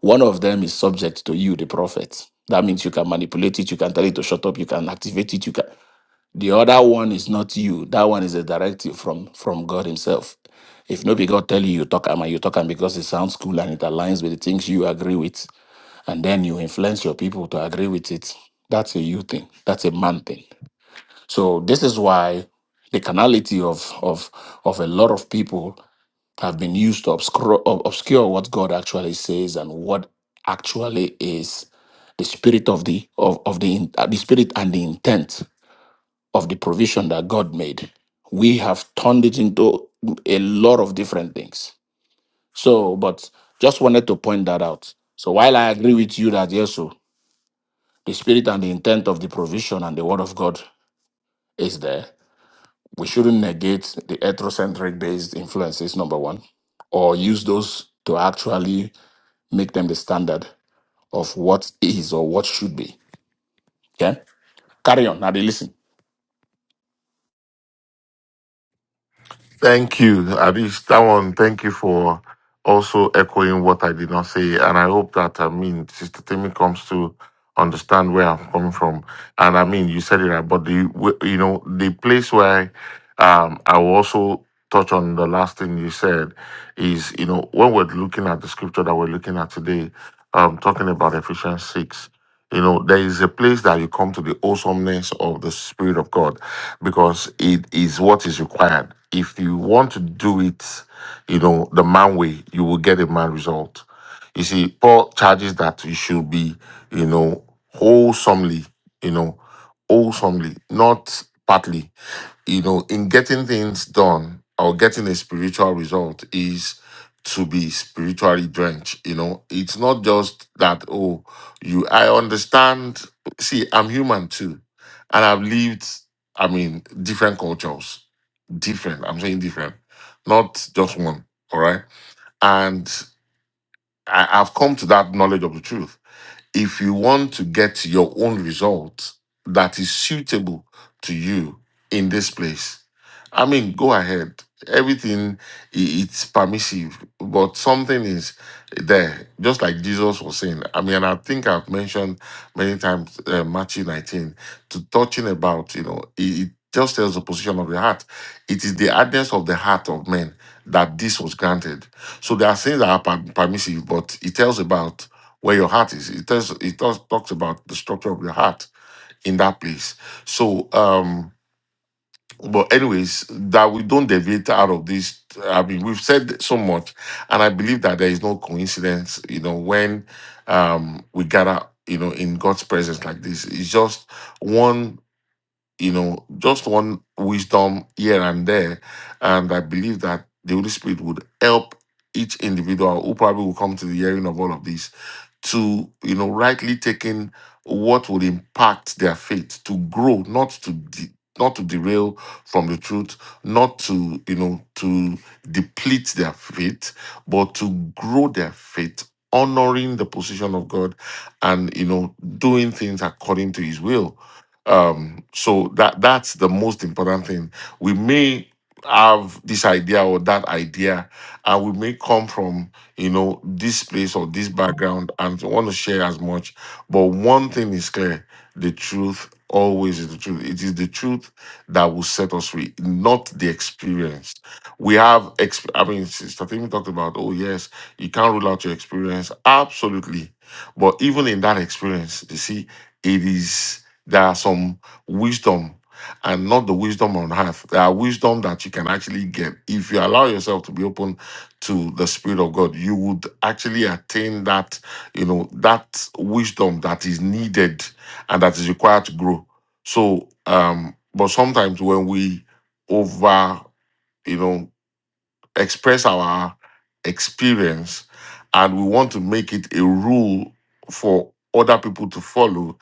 Speaker 5: one of them is subject to you the prophet that means you can manipulate it you can tell it to shut up you can activate it you can The other one is not you. That one is a directive from from God Himself. If no be God tell you you talk am and you talk am because it sounds cool and it aligns with the things you agree with, and then you influence your people to agree with it. That's a you thing. That's a man thing. So this is why the carnality of of of a lot of people have been used to obscure obscure what God actually says and what actually is the spirit of the of, of the in- uh, the spirit and the intent of the provision that God made. We have turned it into a lot of different things. So, but just wanted to point that out. So, while I agree with you that yes, so the spirit and the intent of the provision and the word of God is there, we shouldn't negate the ethnocentric based influences, number one, or use those to actually make them the standard of what is or what should be. Okay? Carry on. Now, listen.
Speaker 1: Thank you, Abis. That one, thank you for also echoing what I did not say. And I hope that, I mean, Sister Timmy comes to understand where I'm coming from. And I mean, you said it right, but the, w- you know, the place where um, I will also touch on the last thing you said is, you know, when we're looking at the scripture that we're looking at today, um, talking about Ephesians 6. You know, there is a place that you come to the awesomeness of the Spirit of God because it is what is required. If you want to do it, you know, the man way, you will get a man result. You see, Paul charges that you should be, you know, wholesomely, you know, wholesomely, not partly you know, in getting things done or getting a spiritual result is to be spiritually drenched. You know, it's not just that, oh, you, I understand. See, I'm human too. And I've lived, I mean, different cultures, different. I'm saying different, not just one. All right. And I, I've come to that knowledge of the truth. If you want to get your own result that is suitable to you in this place, I mean, go ahead. Everything i- it's permissive, but something is there. Just like Jesus was saying. I mean, and I think I've mentioned many times uh, Matthew 19 to touching about. You know, it, it just tells the position of the heart. It is the hardness of the heart of men that this was granted. So there are things that are per- permissive, but it tells about where your heart is. It tells it talks, talks about the structure of your heart in that place. So. um but anyways, that we don't deviate out of this. I mean, we've said so much, and I believe that there is no coincidence. You know, when um, we gather, you know, in God's presence like this, it's just one, you know, just one wisdom here and there, and I believe that the Holy Spirit would help each individual who probably will come to the hearing of all of this to you know rightly taking what would impact their faith to grow not to de- not to derail from the truth not to you know to deplete their faith but to grow their faith honoring the position of god and you know doing things according to his will um so that that's the most important thing we may have this idea or that idea and we may come from you know, this place or this background and want to share as much. But one thing is clear the truth always is the truth. It is the truth that will set us free, not the experience. We have, exp- I mean, Sister Timmy talked about, oh, yes, you can't rule out your experience. Absolutely. But even in that experience, you see, it is, there are some wisdom and not the wisdom on earth. There are wisdom that you can actually get if you allow yourself to be open to the Spirit of God, you would actually attain that, you know, that wisdom that is needed and that is required to grow. So, um, but sometimes when we over, you know, express our experience and we want to make it a rule for other people to follow,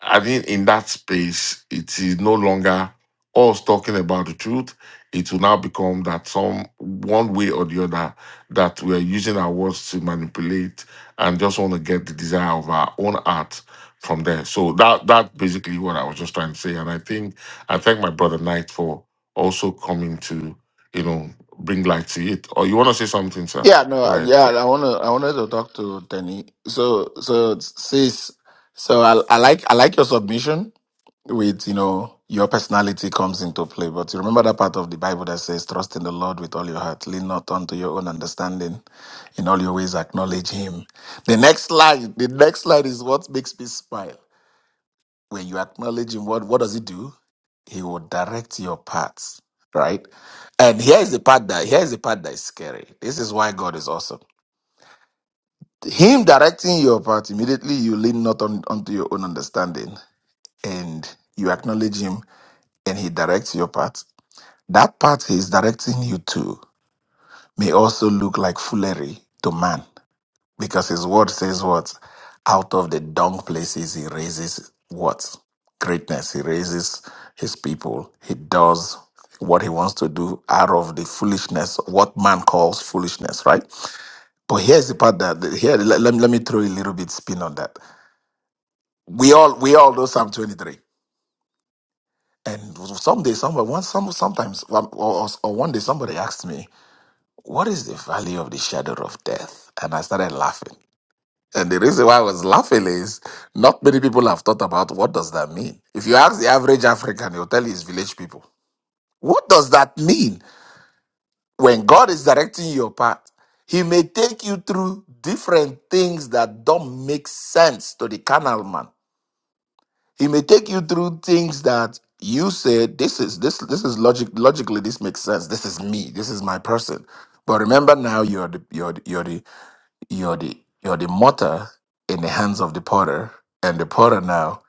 Speaker 1: I mean, in that space, it is no longer us talking about the truth. It will now become that some one way or the other that we are using our words to manipulate and just want to get the desire of our own heart from there. So that that's basically what I was just trying to say. And I think I thank my brother Knight for also coming to, you know, bring light to it. Or you want to say something, sir?
Speaker 5: Yeah, no,
Speaker 1: Go ahead.
Speaker 5: yeah, I wanna, I wanted to talk to Tenny. So, so sis, so I, I like, I like your submission with, you know, your personality comes into play. But you remember that part of the Bible that says, "Trust in the Lord with all your heart, lean not unto your own understanding, in all your ways acknowledge Him." The next slide, the next slide is what makes me smile. When you acknowledge Him, what, what does He do? He will direct your paths, right? And here's the part that here's the part that is scary. This is why God is awesome him directing your path, immediately you lean not on, onto your own understanding and you acknowledge him and he directs your path. That path he is directing you to may also look like foolery to man because his word says what? Out of the dung places he raises what? Greatness. He raises his people. He does what he wants to do out of the foolishness, what man calls foolishness, right? But here's the part that, here, let, let me let me throw a little bit spin on that We all we all know Psalm 23. And someday, somebody, once, some, sometimes, one- or, or one day, somebody asked me, "What is the value of the shadow of death?" And I started laughing. And the reason why I was laughing is not many people have thought about what does that mean. If you ask the average African, he'll tell you it's village people. What does that mean? When God is directing your path, He may take you through different things that don't make sense to the carnal man He may take you through things that you said this is this this is logic logically this makes sense. This is me. This is my person. But remember now you're the you're the you're the you're the you're the mortar in the hands of the potter, and the potter now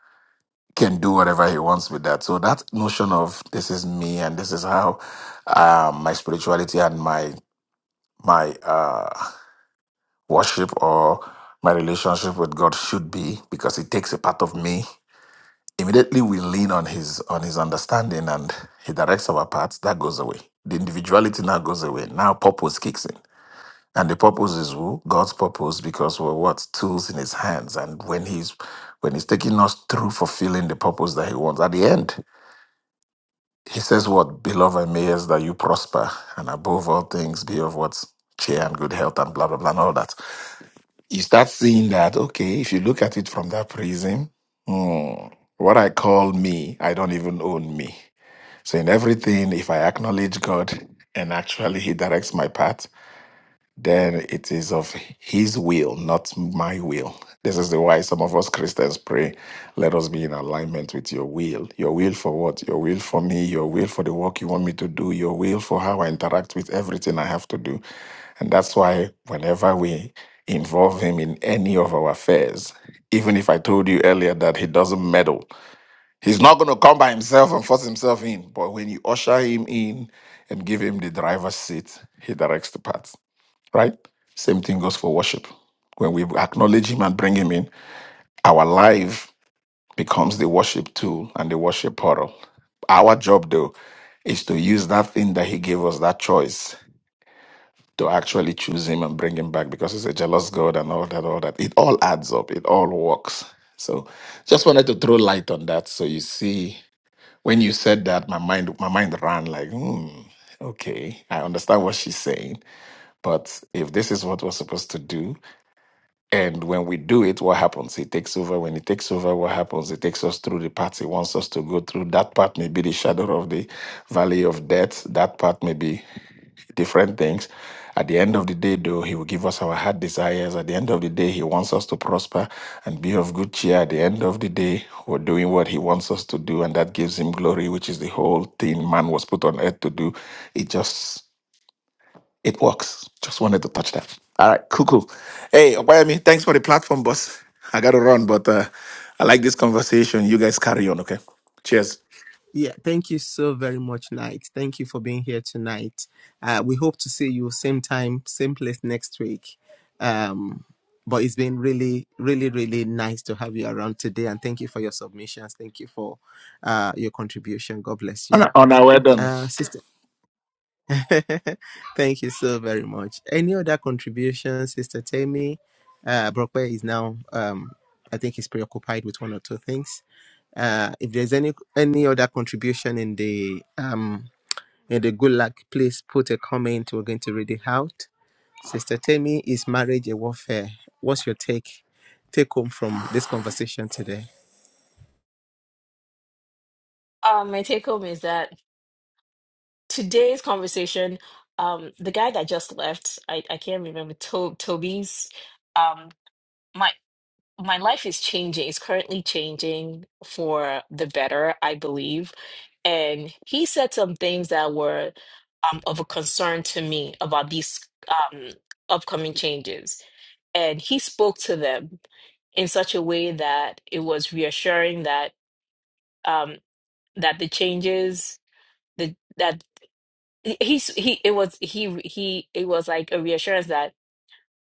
Speaker 5: can do whatever he wants with that. So that notion of this is me and this is how um, my spirituality and my my uh, worship or my relationship with God should be because it takes a part of me immediately we lean on his on his understanding and he directs our paths that goes away the individuality now goes away now purpose kicks in and the purpose is who god's purpose because we're what tools in his hands and when he's when he's taking us through fulfilling the purpose that he wants at the end he says what beloved mayors that you prosper and above all things be of what cheer and good health and blah blah blah and all that you start seeing that, okay, if you look at it from that prism, hmm, what I call me, I don't even own me. So in everything, if I acknowledge God and actually He directs my path, then it is of his will, not my will. This is the why some of us Christians pray, let us be in alignment with your will. Your will for what? Your will for me, your will for the work you want me to do, your will for how I interact with everything I have to do. And that's why whenever we involve him in any of our affairs, even if I told you earlier that he doesn't meddle, he's not going to come by himself and force himself in. But when you usher him in and give him the driver's seat, he directs the path right? Same thing goes for worship. When we acknowledge Him and bring Him in, our life becomes the worship tool and the worship portal. Our job, though, is to use that thing that He gave us, that choice, to actually choose Him and bring Him back because He's a jealous God and all that, all that. It all adds up, it all works. So just wanted to throw light on that. So you see, when you said that, my mind, my mind ran like, hmm, okay, I understand what she's saying. But if this is what we're supposed to do, And when we do it, what happens? It takes over. When it takes over, what happens? It takes us through the path. It wants us to go through. That part may be the shadow of the valley of death. That part may be different things. At the end of the day, though, He will give us our heart desires. At the end of the day, He wants us to prosper and be of good cheer. At the end of the day, we're doing what He wants us to do, and that gives Him glory, which is the whole thing man was put on earth to do. It just it works. Just wanted to touch that. All right, cool, cool. Hey, Obayami, thanks for the platform, boss. I got to run, but uh, I like this conversation. You guys carry on, okay? Cheers.
Speaker 2: Yeah, thank you so very much, Knight. Thank you for being here tonight. Uh, we hope to see you same time, same place next week. Um, but it's been really, really, really nice to have you around today, and thank you for your submissions. Thank you for uh, your contribution. God bless
Speaker 5: On,
Speaker 2: you,
Speaker 5: on our way done.
Speaker 2: uh, sister. thank you so very much. Any other contributions, sister Tammy? Uh, Brokwe is now, um, I think, he's preoccupied with one or two things. Uh, if there's any any other contribution in the um in the good luck, please put a comment. We're going to read it out. Sister Temi, is marriage a warfare? What's your take take home from this conversation today?
Speaker 4: Um, my take home is that today's conversation, um, the guy that just left, I I can't remember to, Toby's, um. my life is changing. It's currently changing for the better, I believe. And he said some things that were um, of a concern to me about these um, upcoming changes. And he spoke to them in such a way that it was reassuring that um, that the changes the, that he, he he- it was he he it was like a reassurance that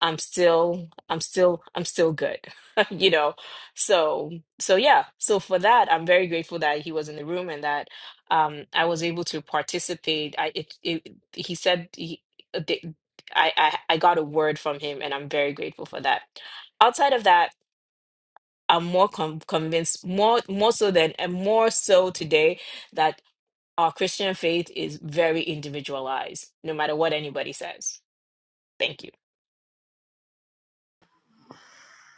Speaker 4: I'm still, I'm still, I'm still good, you know. So, so yeah. So for that, I'm very grateful that he was in the room and that um, I was able to participate. I, it, it, he said he, uh, they- I, I, I got a word from him, and I'm very grateful for that. Outside of that, I'm more com- convinced, more, more so than, and more so today that our Christian faith is very individualized, no matter what anybody says. Thank you.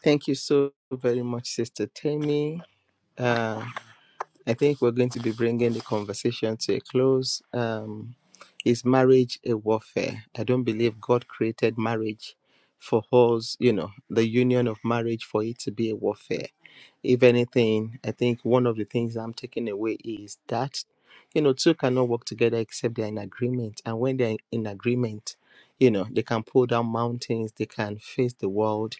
Speaker 2: Thank you so very much, Sister Temi. Uh, I think we're going to be bringing the conversation to a close. Um, is marriage a warfare? I don't believe God created marriage for us, you know, the union of marriage for it to be a warfare. If anything, I think one of the things I'm taking away is that, you know, two cannot work together except they're in agreement. And when they're in agreement, you know, they can pull down mountains, they can face the world,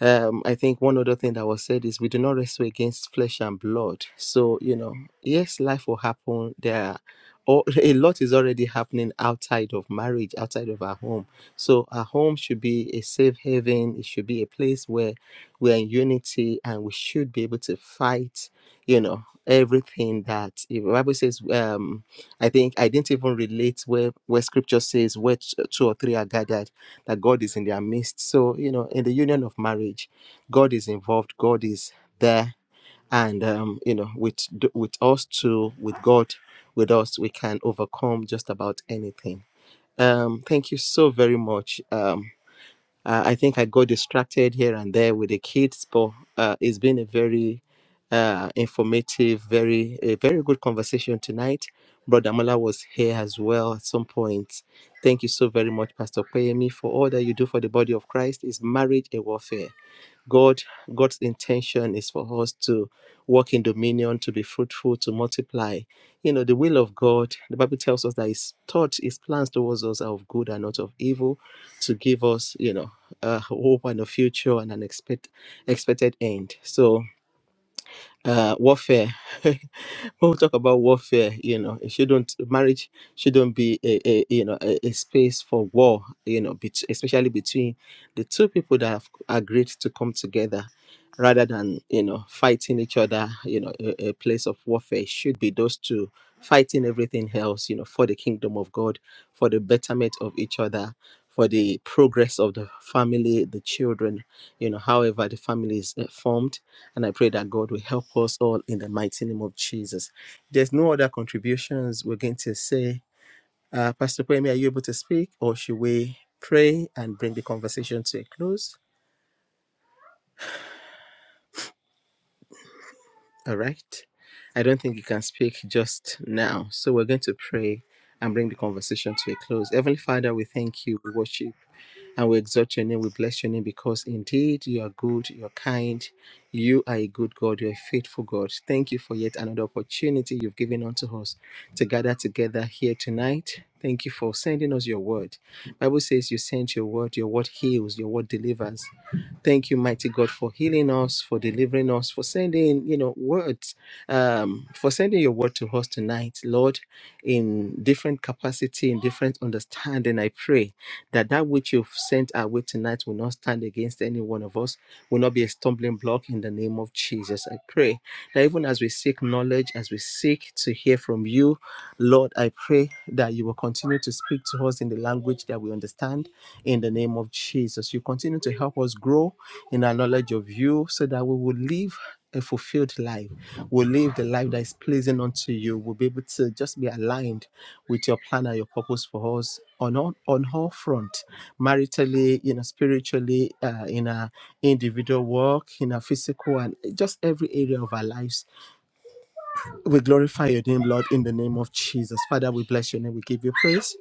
Speaker 2: um, I think one other thing that was said is we do not wrestle against flesh and blood. So, you know, yes, life will happen. There are or a lot is already happening outside of marriage, outside of our home. So our home should be a safe haven. It should be a place where we are in unity and we should be able to fight, you know, everything that the Bible says, um, I think I didn't even relate where where scripture says where t- two or three are gathered that God is in their midst. So, you know, in the union of marriage, God is involved, God is there. And, um, you know, with, with us too, with God, with us, we can overcome just about anything. Um, thank you so very much. Um, uh, I think I got distracted here and there with the kids, but uh, it's been a very uh, informative, very a very good conversation tonight. Brother Mala was here as well at some point. Thank you so very much, Pastor Kweyemi, for all that you do for the body of Christ. Is marriage a warfare? God, God's intention is for us to walk in dominion, to be fruitful, to multiply. You know, the will of God, the Bible tells us that His thoughts, His plans towards us are of good and not of evil, to give us, you know, a hope and a future and an expect, expected end. So, uh, warfare. when we talk about warfare, you know, it shouldn't marriage shouldn't be a, a you know a, a space for war, you know, bet- especially between the two people that have agreed to come together, rather than you know fighting each other. You know, a, a place of warfare should be those two fighting everything else, you know, for the kingdom of God, for the betterment of each other. For the progress of the family, the children, you know, however the family is uh, formed, and I pray that God will help us all in the mighty name of Jesus. There's no other contributions we're going to say. Uh, Pastor Kwame, are you able to speak or should we pray and bring the conversation to a close? All right. I don't think you can speak just now. So we're going to pray and bring the conversation to a close. Heavenly Father, we thank you. We worship And we exalt your name, we bless your name because indeed you are good, you are kind, you are a good God, you are a faithful God. Thank you for yet another opportunity you've given unto us to gather together here tonight. Thank you for sending us your word. Bible says you sent your word, your word heals, your word delivers. Thank you, mighty God, for healing us, for delivering us, for sending, you know, words, um, for sending your word to us tonight, Lord, in different capacity, in different understanding. I pray that that which you've sent our way tonight will not stand against any one of us, will not be a stumbling block in the name of Jesus. I pray that even as we seek knowledge, as we seek to hear from you, Lord, I pray that you will continue to speak to us in the language that we understand in the name of Jesus. You continue to help us grow in our knowledge of you so that we will live a fulfilled life. We'll live the life that is pleasing unto you. We'll be able to just be aligned with your plan and your purpose for us on all, on all front, maritally, you know, spiritually, uh, in our individual work, in our physical and just every area of our lives we glorify your name, Lord, in the name of Jesus. Father, we bless your name. We give you praise.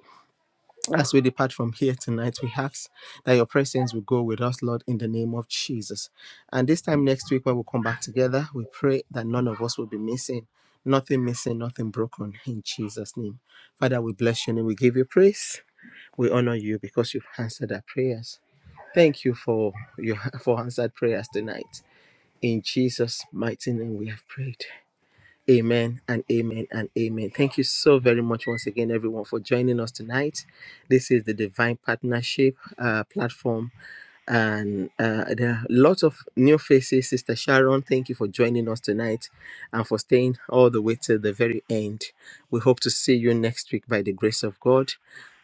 Speaker 2: As we depart from here tonight, we ask that your presence will go with us, Lord, in the name of Jesus. And this time next week, when we come back together, we pray that none of us will be missing, nothing missing, nothing broken, in Jesus' name. Father, we bless your name. We give you praise. We honor you because you've answered our prayers. Thank you for your for answered prayers tonight. In Jesus' mighty name, we have prayed. Amen and amen and amen. Thank you so very much once again, everyone, for joining us tonight. This is the Divine Partnership uh, platform, and uh, there are lots of new faces. Sister Sharon, thank you for joining us tonight and for staying all the way till the very end. We hope to see you next week by the grace of God.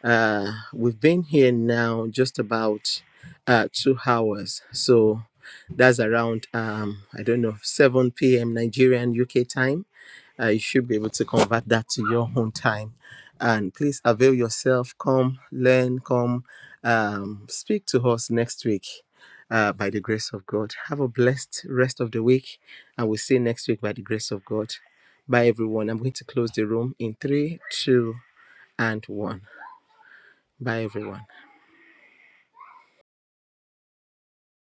Speaker 2: Uh, we've been here now just about uh, two hours, so that's around um, I don't know 7 p.m. Nigerian UK time uh, you should be able to convert that to your own time. And please avail yourself. Come learn. Come um, speak to us next week. Uh, by the grace of God. Have a blessed rest of the week. And we'll see you next week by the grace of God. Bye, everyone. I'm going to close the room in three, two, and one. Bye, everyone.